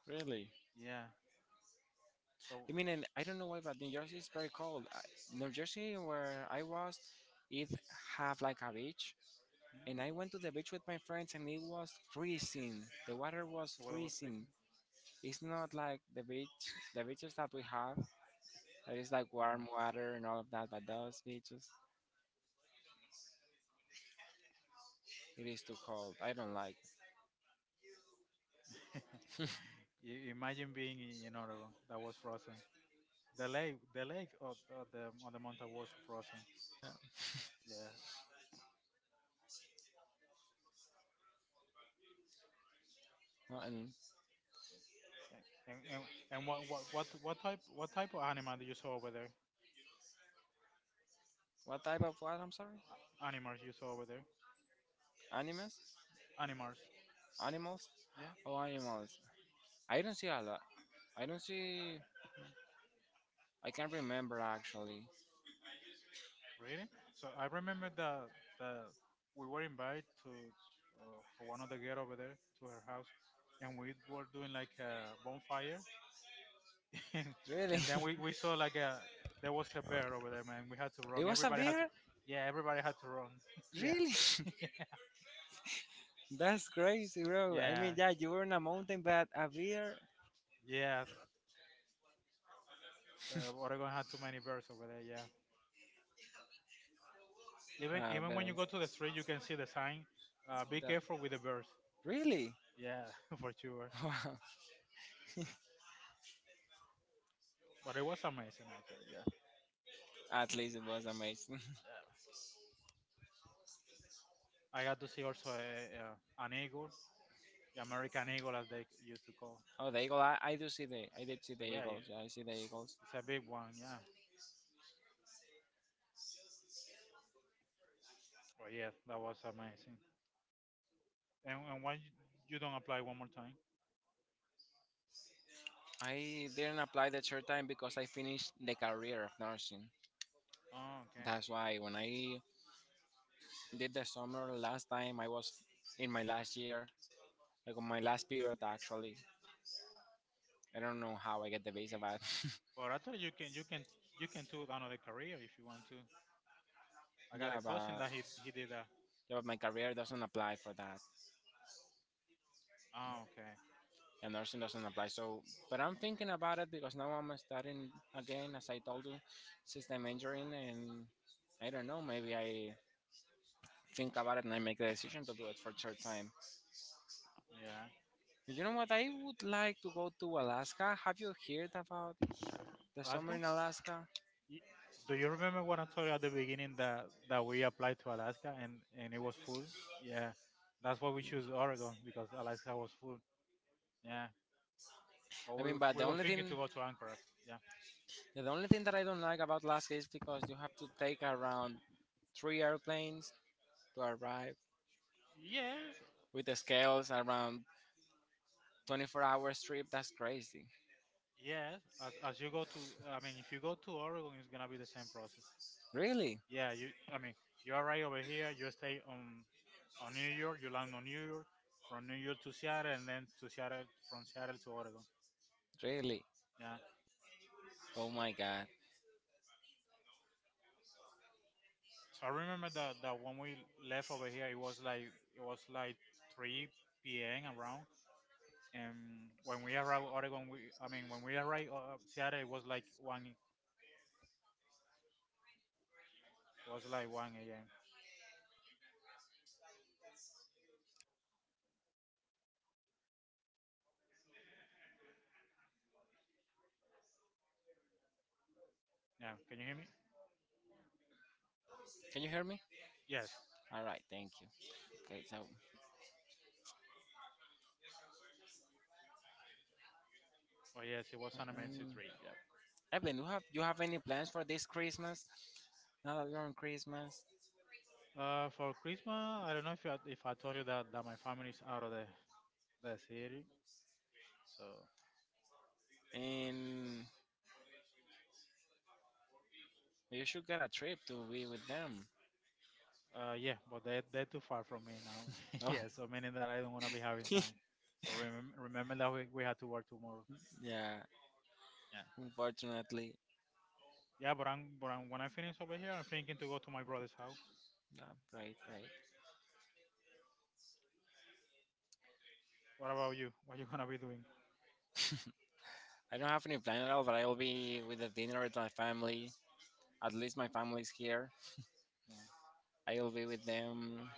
B: Really?
A: Yeah. So
B: I mean, and I don't know why, but New Jersey is very cold. I, New Jersey, where I was, it have like a beach,
A: hmm?
B: and I went to the beach with my friends, and it was freezing. The water was
A: The weather was
B: freezing.
A: freezing.
B: It's not like the beach, the beaches that we have. That is like
A: Yeah.
B: warm
A: [laughs]
B: water and all of that, but those beaches, it is too cold. I don't like it.
A: You imagine being in Oregon that was frozen. The lake of the on the mountain was frozen.
B: No, no, and
A: And and what, what type of animal do you saw over there?
B: what type of what? I'm sorry.
A: Animals you saw over there?
B: Animes?
A: Animals.
B: Animals?
A: Yeah.
B: Oh, animals. I don't see a lot. I don't see. I can't remember actually.
A: Really? So I remember that that we were invited to for one of the girls over there to her house, and we were doing like a bonfire, [laughs] and
B: Really?
A: then we saw like a... there was a bear over there, man. We had to
B: [laughs] It
A: run.
B: was a
A: Everybody had to...
B: bear?
A: yeah, everybody had to run. [laughs] yeah,
B: Really? [laughs] That's crazy, bro. I
A: yeah,
B: mean, yeah, you were in a mountain, but a bear?
A: yeah. Oregon had too many bears over there. Yeah.
B: Ah,
A: Even when you go
B: bears.
A: to the street, you can see the sign. Be
B: That-
A: careful with the bears.
B: Really?
A: Yeah, [laughs] for sure.
B: [laughs] Wow.
A: But it was amazing out there, yeah.
B: At least it was amazing.
A: I got to see also a, an eagle, the American eagle, as they used to call.
B: [laughs] Oh, the eagle. I do see the. I did see
A: So
B: the
A: yeah, it...
B: eagles. Yeah, I see the eagles.
A: it's a big one. Yeah. But yeah, that was amazing. And why you... you don't apply one more time?
B: I didn't apply the short time because I finished the career of nursing.
A: Oh, okay.
B: That's why when I did the summer last time I was in my last year, like on my last period actually. I don't know how I get the visa, but [laughs]
A: But actually, you can you can do another career if you want to. I got a
B: yeah,
A: cousin
B: but
A: that he did that.
B: yeah, but my career doesn't apply for that,
A: Oh, okay.
B: and nursing doesn't apply. So, but I'm thinking about it because now I'm starting again, as I told you, since I'm injuring, and I don't know, maybe I think about it and I make the decision to do it for third time.
A: Yeah.
B: You know what? I would like to go to Alaska. Have you heard about the summer
A: Alaska?
B: in Alaska?
A: Y- Do you remember what I told you at the beginning that we applied to Alaska, and it was full? Yeah. That's why we choose Oregon because Alaska was full. Yeah. But
B: I mean, but the
A: we were
B: only
A: thinking to
B: thing
A: go to Anchorage. Yeah.
B: Yeah, the only thing that I don't like about Alaska is because you have to take around three airplanes to arrive
A: Yes.
B: with the scales around 24 hours trip. That's crazy.
A: Yes. As you go to... I mean, if you go to Oregon, it's gonna be the same process.
B: Really?
A: Yeah. You... I mean, you arrive over here. You stay on New York. You land on New York. From New York to Seattle, and then to Seattle. From Seattle to Oregon.
B: Really?
A: Yeah.
B: Oh my god.
A: So I remember that when we left over here, it was like... it was like 3 p.m. around. And when we arrived Oregon, we... I mean, when we arrived Seattle, it was like one. It was like 1 a.m. Yeah. Can you hear me?
B: Can you hear me?
A: Yes.
B: All right, thank you. Okay, so
A: Oh, yes, it was an immense
B: um,
A: tree. Yep.
B: Evan, you have any plans for this Christmas? Now that you're on Christmas,
A: For Christmas, I don't know if if I told you that, that my family is out of the city. So,
B: and you should get a trip to be with them.
A: yeah, but they're too far from me now. [laughs]
B: Oh,
A: yeah, so meaning that I don't want to be having time.
B: [laughs]
A: So remember that we had to work tomorrow.
B: yeah.
A: Yeah.
B: Unfortunately,
A: Yeah, but I'm, when I finish over here, I'm thinking to go to my brother's house.
B: yeah. Right. Great.
A: What about you? What you going to be doing?
B: I don't have any plan at all, but I will be with the dinner with my family. At least my family's here.
A: Yeah.
B: I will be with them.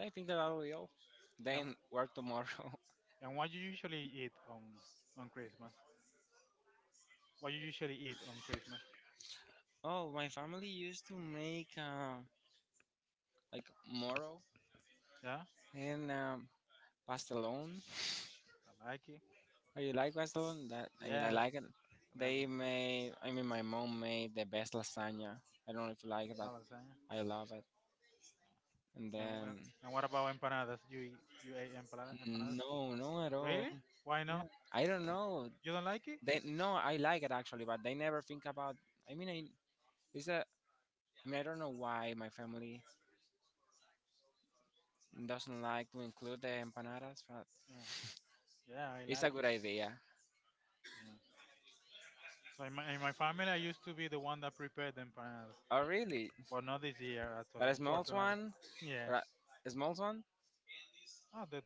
B: I think that I will be all.
A: And,
B: Then work tomorrow.
A: and what you usually eat on Christmas? What you usually eat on Christmas?
B: [laughs] Oh, my family used to make like moro
A: Yeah?
B: and pastelón.
A: I like it.
B: Oh, you like pastelón? That I mean, I
A: Yes,
B: like it.
A: I like
B: They
A: it.
B: made. I mean, my mom made the best lasagna. I don't know if you like it,
A: Oh,
B: but
A: lasagna.
B: I love it. And
A: And
B: then
A: what about empanadas? You eat, you ate empanada, empanadas?
B: no, no at all.
A: Really? Why not?
B: Yeah, I don't know.
A: You don't like it?
B: They No, I like it actually, but they never think about. I mean, it's a. I I don't know why my family doesn't like to include the empanadas, but
A: Yeah, yeah, I
B: it's
A: like
B: a good
A: it.
B: idea.
A: Yeah. So in my family, I used to be the one that prepared the empanadas,
B: Oh, really?
A: but not this year. That's why,
B: But a small
A: unfortunately.
B: one,
A: Yeah.
B: or a small one.
A: Oh,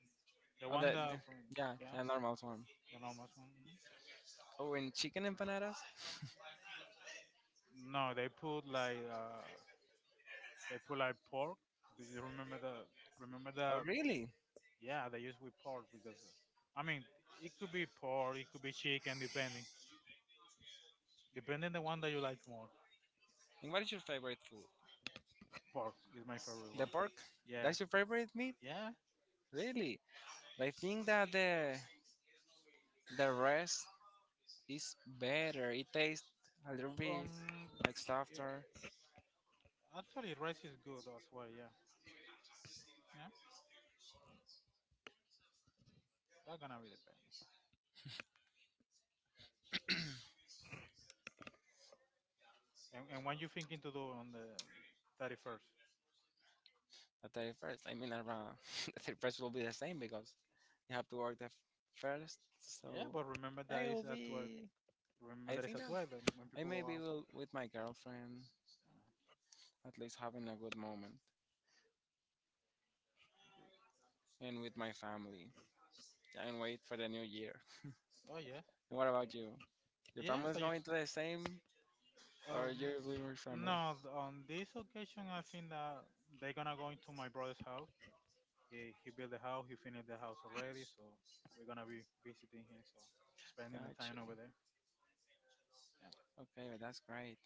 A: the
B: Oh,
A: one
B: the
A: that from...
B: yeah,
A: yeah,
B: a normal one.
A: the normal one. Mhm.
B: Oh, and chicken empanadas.
A: No, they put like pork. Do you remember the remember
B: Oh,
A: the
B: really?
A: Yeah, they use with pork, because I mean, it could be pork, it could be chicken, depending. Depending the one that you like more.
B: And what is your favorite food?
A: Pork is my favorite
B: The
A: one.
B: pork.
A: Yeah,
B: That's your favorite meat?
A: yeah.
B: Really? But I think that the rest is better. It tastes a little bit
A: Um,
B: like
A: yeah.
B: softer.
A: Actually, rice is good as well. Yeah, yeah. That's gonna be depending. And what you thinking to do on the 31st?
B: The 31st. I mean, around [laughs] the 31st will be the same because you have to work first.
A: Yeah,
B: So
A: but remember that
B: I
A: is
B: will
A: at 12.
B: be.
A: Remember
B: I
A: that is
B: think
A: at
B: that
A: 12. And when
B: I
A: people go
B: maybe
A: out.
B: will with my girlfriend at least having a good moment and with my family and wait for the new year.
A: Oh yes.
B: And what
A: So
B: about you? Your
A: yes,
B: family is
A: I use.
B: going to the same or you
A: Um,
B: with your family?
A: no, on this occasion, I think that they're gonna go into my brother's house. He built the house. He finished the house already, so we're gonna be visiting him. So spending the
B: Got
A: time
B: you.
A: over there. Yeah.
B: Okay, but that's great.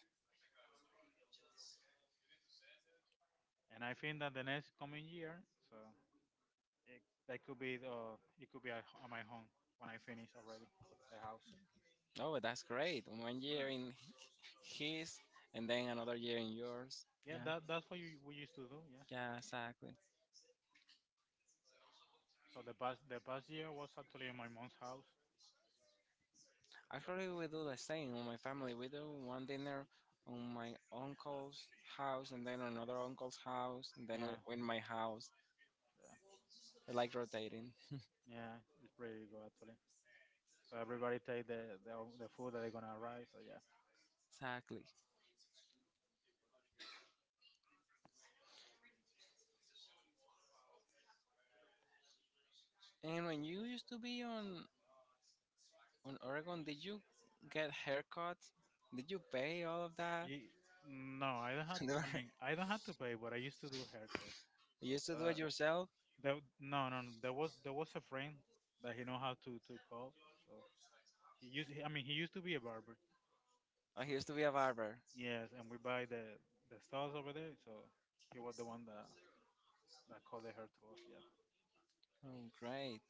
A: And I think that the next coming year, so it... that could be it could be at, at my home, when I finish already the house.
B: No, but that's great. One
A: No.
B: year in his and then another year in yours.
A: Yeah,
B: Yeah,
A: that that's what we used to do. Yeah.
B: yeah, exactly.
A: So the past year was actually in my mom's house. So
B: Actually, we do the same. On my family, we do one dinner on my uncle's house, and then another uncle's house, and then
A: yeah,
B: in my house.
A: yeah,
B: We like rotating.
A: yeah. It's pretty good actually. So everybody take the, the food that they're gonna arrive. So yeah.
B: Exactly. And when you used to be on Oregon, did you get haircuts? Did you pay all of that?
A: Ye- no, I don't
B: [laughs]
A: have.
B: You
A: I mean, I don't have to pay, but I used to do haircuts.
B: used to do
A: Uh,
B: it yourself.
A: there, no. There was a friend that he know how to call. So he used. I mean, he used to be a barber.
B: I used to be a barber.
A: Yes, and we buy the styles over there. So he was the one that called the hair to us.
B: Oh, great!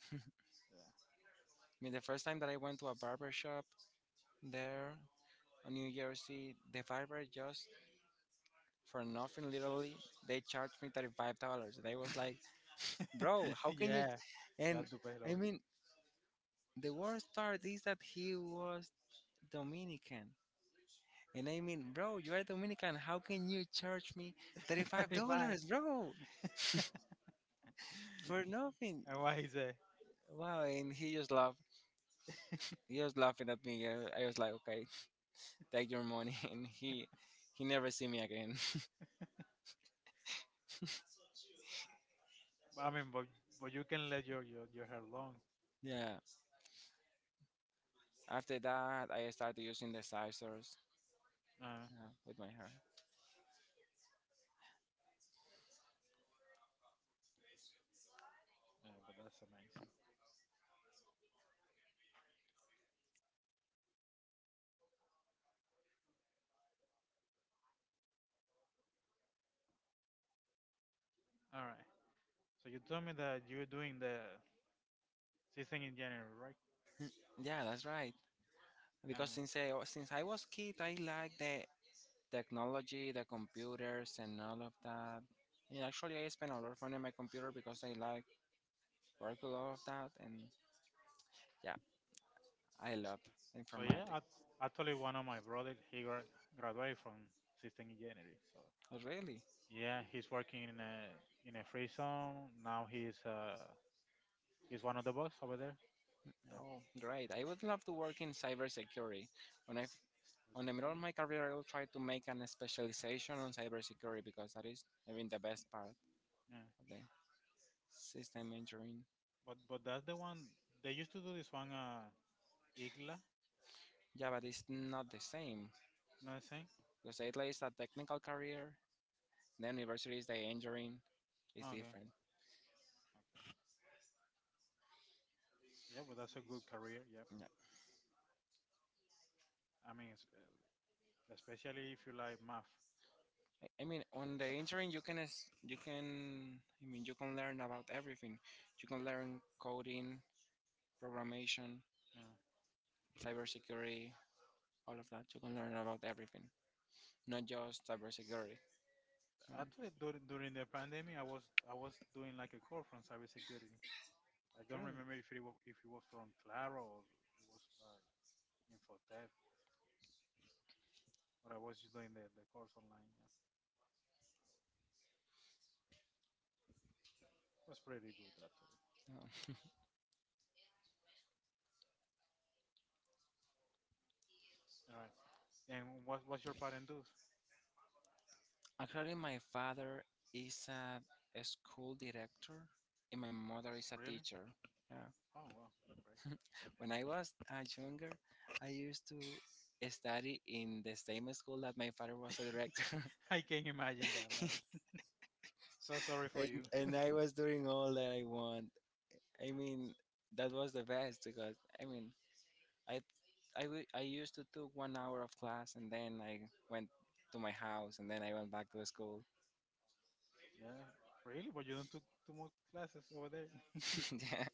B: I mean, the first time that I went to a barber shop there on New Jersey, the barber, just for nothing literally, they charged me $35. And I was like,
A: Yeah,
B: bro,
A: yeah,
B: how
A: [laughs]
B: can you?
A: yeah. You
B: And
A: have to pay
B: I
A: low.
B: mean, the worst part is that he was Dominican. And I mean, bro, you are Dominican. How can you charge me
A: [laughs] 35.
B: $35, bro,
A: [laughs]
B: for nothing?
A: and what he said?
B: Wow. And he just laughed. He was laughing at me. I was like, okay. [laughs] Take your money. [laughs] And he never see me again.
A: I mean, but you can let your your hair long.
B: [laughs] Yeah, after that I started using the scissors.
A: Uh,
B: Yeah, with my hair.
A: yeah, but that's amazing. All right. So you told me that you're doing the season in January, right?
B: Yeah, that's right because
A: Um.
B: since I was kid, I like the technology, the computers, and all of that. And actually, I spend a lot of money on my computer because I like work a lot of that. And yeah, I love
A: So yeah, I,
B: informatics.
A: actually one of my brothers he graduated from system in January. So
B: Oh, really?
A: yeah, he's working in a free zone now. He's one of the boss over there. Yeah.
B: Oh, great! I would love to work in cybersecurity. When I On the middle
A: Really?
B: of my career, I'll try to make an specialization on cybersecurity because that is, I mean, the best part
A: Yeah.
B: of the system engineering.
A: But that's the one they used to do this one IGLA.
B: Yeah, but it's not the same
A: You know what I'm saying?
B: because it is a technical career. The anniversary is the injuring is
A: Okay, okay.
B: different.
A: Yeah, but that's a good career. Yeah.
B: Yeah.
A: I mean, it's, especially if you like math.
B: I mean, on the injuring, you can you can learn about everything. You can learn coding, programmation,
A: Yeah.
B: cybersecurity, all of that. You can learn about everything, not just cybersecurity. I mean,
A: Actually, during the pandemic, I was doing like a course from cybersecurity. I don't
B: really.
A: remember if it was from Clara, or it was like Infotech, but I was just doing the course online. Yeah, it was pretty good actually.
B: Um,
A: All right. And what's your parent do?
B: Actually, my father is a school director, and my mother is a
A: Really?
B: teacher. Yeah.
A: Oh wow, great.
B: [laughs] When I was younger, I used to study in the same school that my father was a director.
A: [laughs] I can imagine that, man.
B: [laughs]
A: So sorry for
B: and,
A: you.
B: and I was doing all that I want. I mean, that was the best because I mean, I I I used to took one hour of class and then I went to my house and then I went back to the school.
A: Yeah, really? But you don't took two more classes over there?
B: [laughs] Yeah.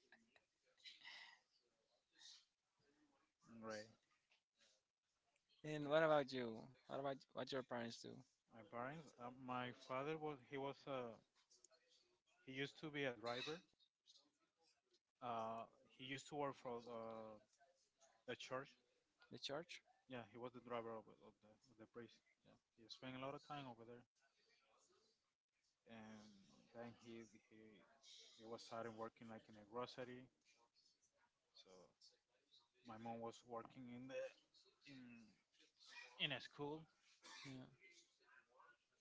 A: [laughs] Right.
B: And what about you? What about what your parents do?
A: My parents, my father was... he was a... he used to be a driver. Uh, he used to work for a church.
B: The church?
A: Yeah, he was the driver of the priest. Yeah, he spent a lot of time over there, and then he was starting working like in a grocery. So my mom was working in the in in a school.
B: Yeah,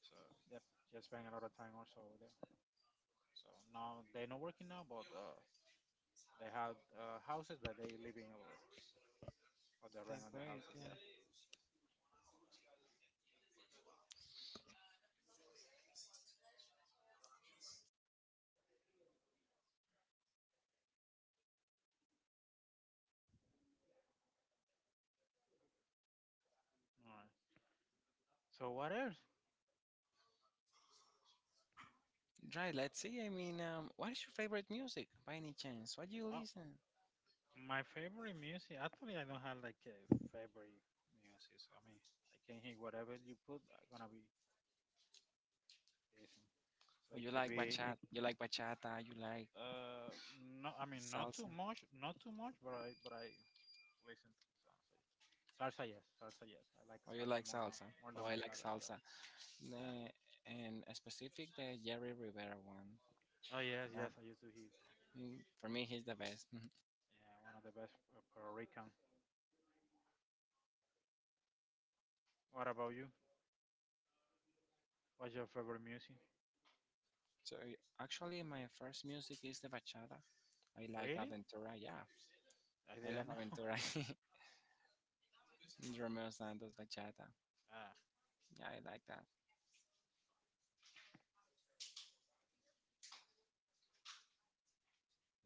A: So yeah, she spent a lot of time also over there. So now they're not working now, but they had houses that they living over, or the rent
B: that's
A: of the
B: great.
A: houses.
B: Yeah.
A: Yeah. All right. So what else?
B: Right, let's see. I mean, what is your favorite music by any chance? What do you
A: Oh,
B: listen?
A: my favorite music, actually, I don't have like a favorite music. So, I mean, I can hear whatever you put. I'm gonna be listening. So
B: Or
A: it
B: you
A: could
B: like
A: be, it...
B: bachata? You like bachata? You like
A: uh, no, I mean, not too
B: salsa?
A: much, not too much, but I listen to the songs. So, yeah. Salsa, yes, salsa, yes. I like
B: Or you
A: salsa
B: like
A: more than
B: salsa? Oh, I like
A: bachata. Yeah.
B: salsa.
A: Uh,
B: Nah, and a specific, the Jerry Rivera one.
A: oh yes,
B: Uh,
A: yes. I used to hear.
B: for me, he's the best. [laughs]
A: Yeah, one of the best Puerto Rican. What about you? What's your favorite music?
B: So actually, my first music is the bachata. I like
A: Really?
B: Aventura. Yeah,
A: I
B: I love
A: didn't know.
B: Aventura.
A: [laughs]
B: [laughs] Romeo Santos bachata.
A: ah,
B: Yeah, I like that.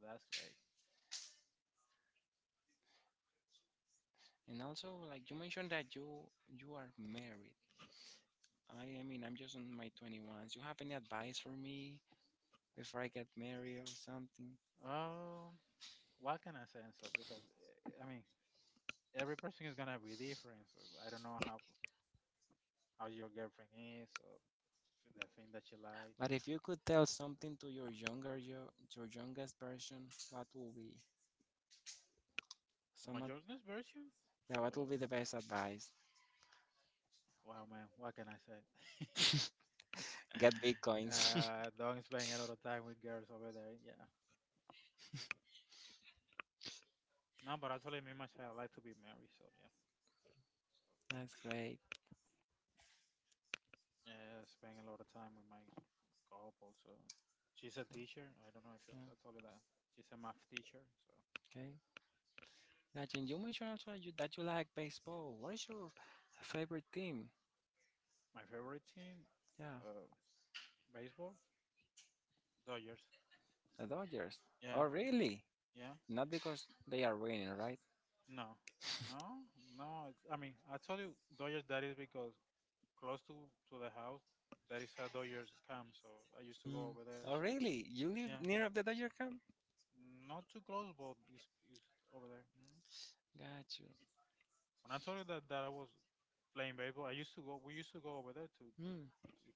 A: that's
B: And also, like you mentioned that you are married. I'm just on my 21s. You have any advice for me before I get married or something?
A: great. What can I say and so? Because I mean, every person is gonna be different. So I don't know how your girlfriend is or the thing that she like.
B: But if you could tell something to your your youngest version, what will be
A: The
B: some ad-
A: majority's version.
B: yeah,
A: So
B: what will be the best advice?
A: wow, man, what can I say? [laughs]
B: Get bitcoins. [laughs]
A: Don't spend a lot of time with girls over there. Yeah. No, but actually, me myself, I like to be married. So yeah.
B: That's great.
A: So yeah, spend a lot of time with my couple. So she's a teacher. I don't know if
B: Yeah.
A: I told you that. She's a math teacher. So
B: Okay. Gotcha. And you mentioned also that you like baseball. What is your favorite team?
A: my favorite thing.
B: Yeah,
A: Uh, Baseball? Dodgers.
B: the Dodgers.
A: Yeah,
B: Oh, really?
A: yeah.
B: Not because they are winning, right?
A: No, no, no. I mean, I told you Dodgers. That is because close to the house, that is a Dodgers camp. So I used to go
B: Hmm.
A: over there.
B: Oh,
A: So
B: really? You live
A: yeah,
B: near of the Dodger camp?
A: not too close, but it's over there. Mhm.
B: Gotcha.
A: When I told you that I was playing baseball, I used to go. We used to go over there to
B: Mm,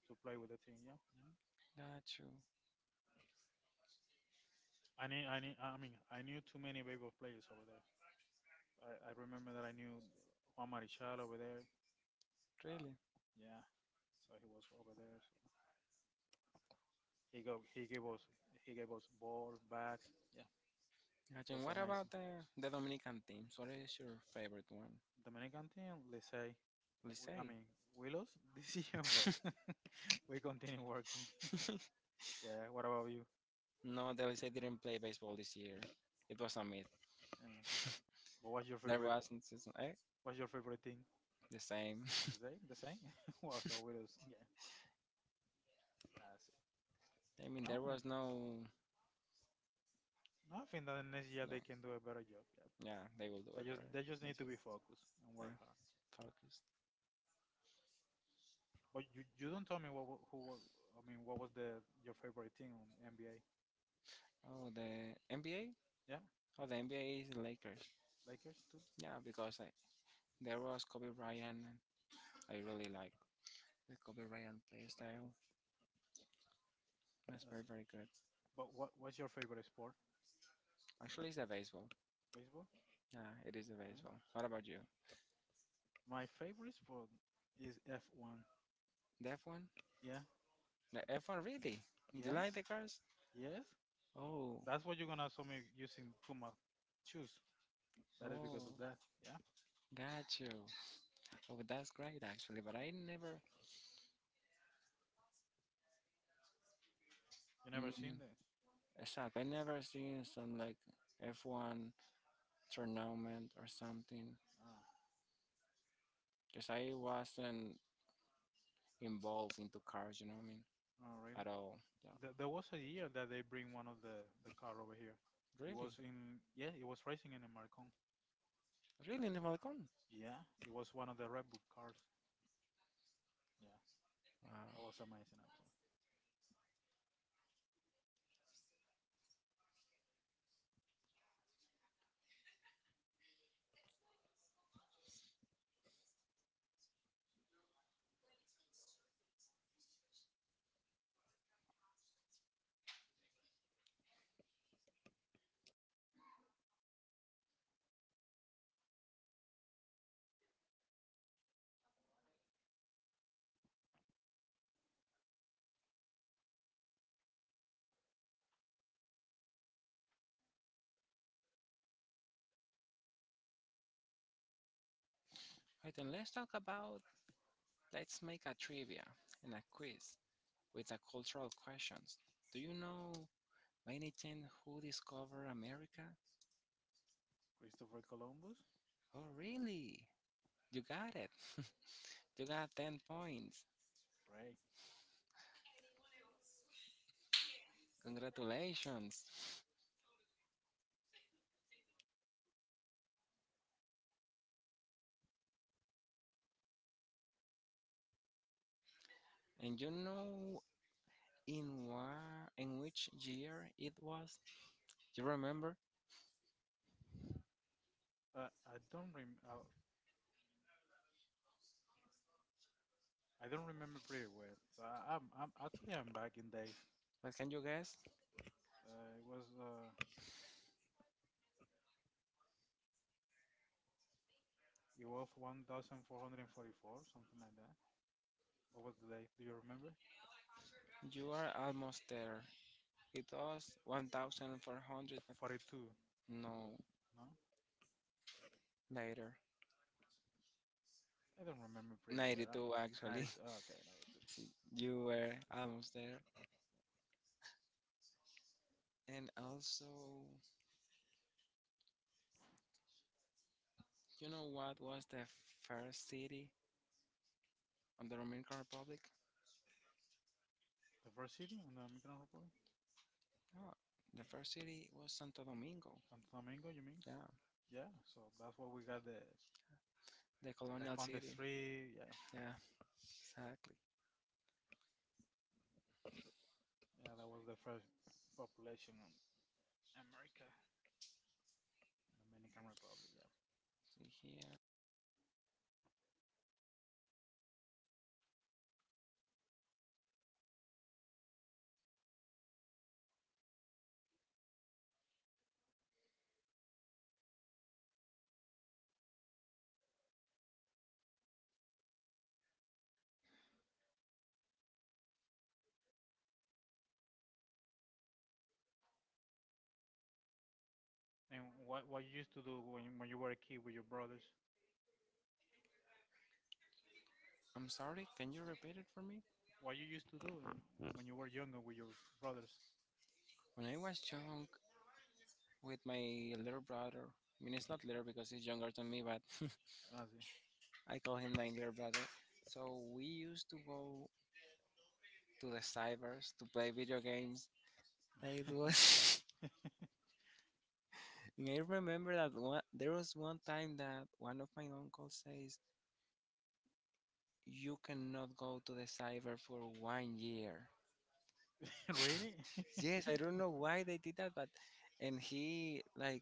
A: to play with the team. Yeah. Mhm.
B: that's true.
A: I knew. I mean, I knew too many baseball players over there. I remember that I knew Juan Marichal over there. Uh,
B: Really?
A: Yeah. So he was over there. So he gave us ball bags. Yeah,
B: Got you.
A: was
B: And what
A: amazing.
B: about the Dominican teams? What is your favorite one?
A: Dominican team, let's say, I
B: Licey.
A: mean, we lost this [laughs] year, but [laughs] we continue working. [laughs]
B: [laughs]
A: Yeah. What about you?
B: No, the Licey didn't play baseball this year. It was a myth.
A: Yeah. But what's your
B: [laughs] There
A: favorite?
B: wasn't season eh?
A: What's your favorite thing?
B: The same.
A: The same. The same. [laughs] well, so we lost. Yeah. I see.
B: [laughs] I mean,
A: No,
B: there
A: n-
B: was no.
A: no. I think that next year they
B: no-
A: can do a better job. Yeah.
B: Yeah, they will do
A: They
B: it, but
A: just need
B: that's
A: to
B: it.
A: be focused and work
B: Yeah,
A: hard.
B: focused.
A: But you don't tell me what who I mean what was the your favorite team on NBA?
B: Oh, the NBA.
A: Yeah,
B: Oh, the NBA is Lakers.
A: Lakers too.
B: Yeah, because there was Kobe Bryant. I really like the Kobe Bryant play style. That's
A: I
B: very
A: see.
B: very good.
A: But what's your favorite sport?
B: Actually, it's the baseball.
A: Baseball?
B: Yeah, it is a
A: Really?
B: baseball. What about you?
A: My favorite sport is F1.
B: The F1?
A: Yeah.
B: The F1 really? Do you
A: Yes.
B: like the cars?
A: Yes.
B: Oh,
A: That's what you're gonna saw me using Puma shoes. That is
B: oh,
A: because of that. Yeah.
B: got you. Oh, that's great actually. But I never,
A: You never seen
B: mm,
A: the?
B: stop. I never seen some like F1 tournament or something.
A: Ah.
B: Cause I wasn't involved into cars. You know what I mean?
A: Oh, really?
B: At all. Yeah.
A: There was a year that they bring one of the car over here. It
B: Really,
A: was in yeah. It was racing in the Marcon.
B: really, Nivalcon.
A: Yeah. It was one of the Red Bull cars. Yeah.
B: Wow.
A: That was amazing, Anthony.
B: Right. then let's talk about. Let's make a trivia and a quiz with a cultural questions. Do you know by any chance, who discovered America?
A: Christopher Columbus,
B: Oh, really? You got it. [laughs] You got 10 points.
A: right?
B: Congratulations. And you know in which year it was? You remember?
A: I don't rem I don't remember pretty well. So I'm actually I'm back in days.
B: But can you guess?
A: It was it was 1444, something like that. What was the date? Do you remember?
B: You are almost there. It was 1400.
A: 42 it was.
B: No,
A: No,
B: later.
A: I don't remember pretty well.
B: 92
A: I'm 90.
B: actually.
A: Okay, 92.
B: [laughs] You were almost there. And also, you know what was the first city on the Dominican Republic?
A: The first city on the Dominican Republic,
B: Yeah. The first city was Santo Domingo.
A: Santo Domingo. You mean?
B: Yeah.
A: Yeah. So that's what we got
B: The
A: the
B: colonial
A: Conde
B: city.
A: Street. Yeah,
B: Yeah, exactly.
A: yeah. That was the first population America, Dominican Republic, yeah.
B: See here.
A: And what you used to do when you were a kid with your brothers?
B: I'm sorry, can you repeat it for me?
A: What you used to do and, when you were younger with your brothers?
B: When I was young with my little brother, I mean, it's not little because he's younger than me, but [laughs]
A: Ah, sí.
B: I call him my little brother. So we used to go to the cybers to play video games. Like it was. [laughs] And I remember that there was one time that one of my uncles says, you cannot go to the cyber for one year.
A: [laughs] really? [laughs]
B: Yes, I don't know why they did that, but and he like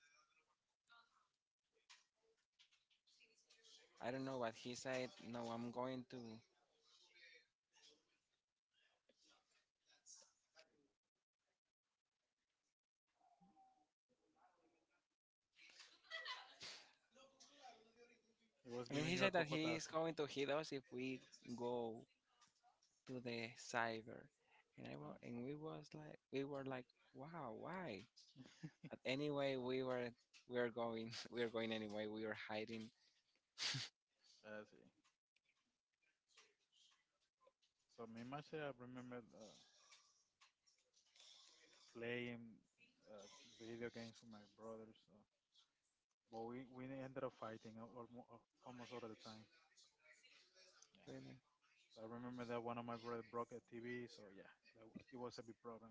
B: I don't know what he said. No, I'm going to.
A: it was
B: I mean,
A: giving
B: he
A: you a
B: said that he is
A: cocotazo.
B: going to hit us if we go to the cyber, and I
A: Ah,
B: wa- and we was like we were like wow why? But anyway, we were going [laughs] we were going anyway. We were hiding.
A: ah, sí. So me myself, I remember playing uh, video games with my brothers. So. But we ended up fighting almost all of the time. Yeah.
B: Really?
A: So I remember that one of my brothers broke a TV. So yeah, that, it was a big problem.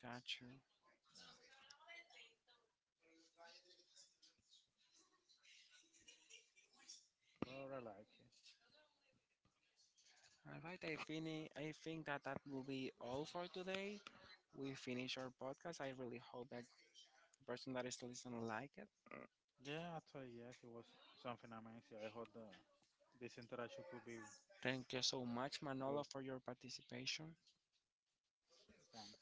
B: Got you.
A: But I like it.
B: All right, I think that that will be all for today. We finish our podcast. I really hope that the person that is listening like it.
A: Yeah, actually, yes, it was something amazing. I hope the this interaction could be
B: Thank you so much,
A: good.
B: Manolo, for your participation.
A: Thanks.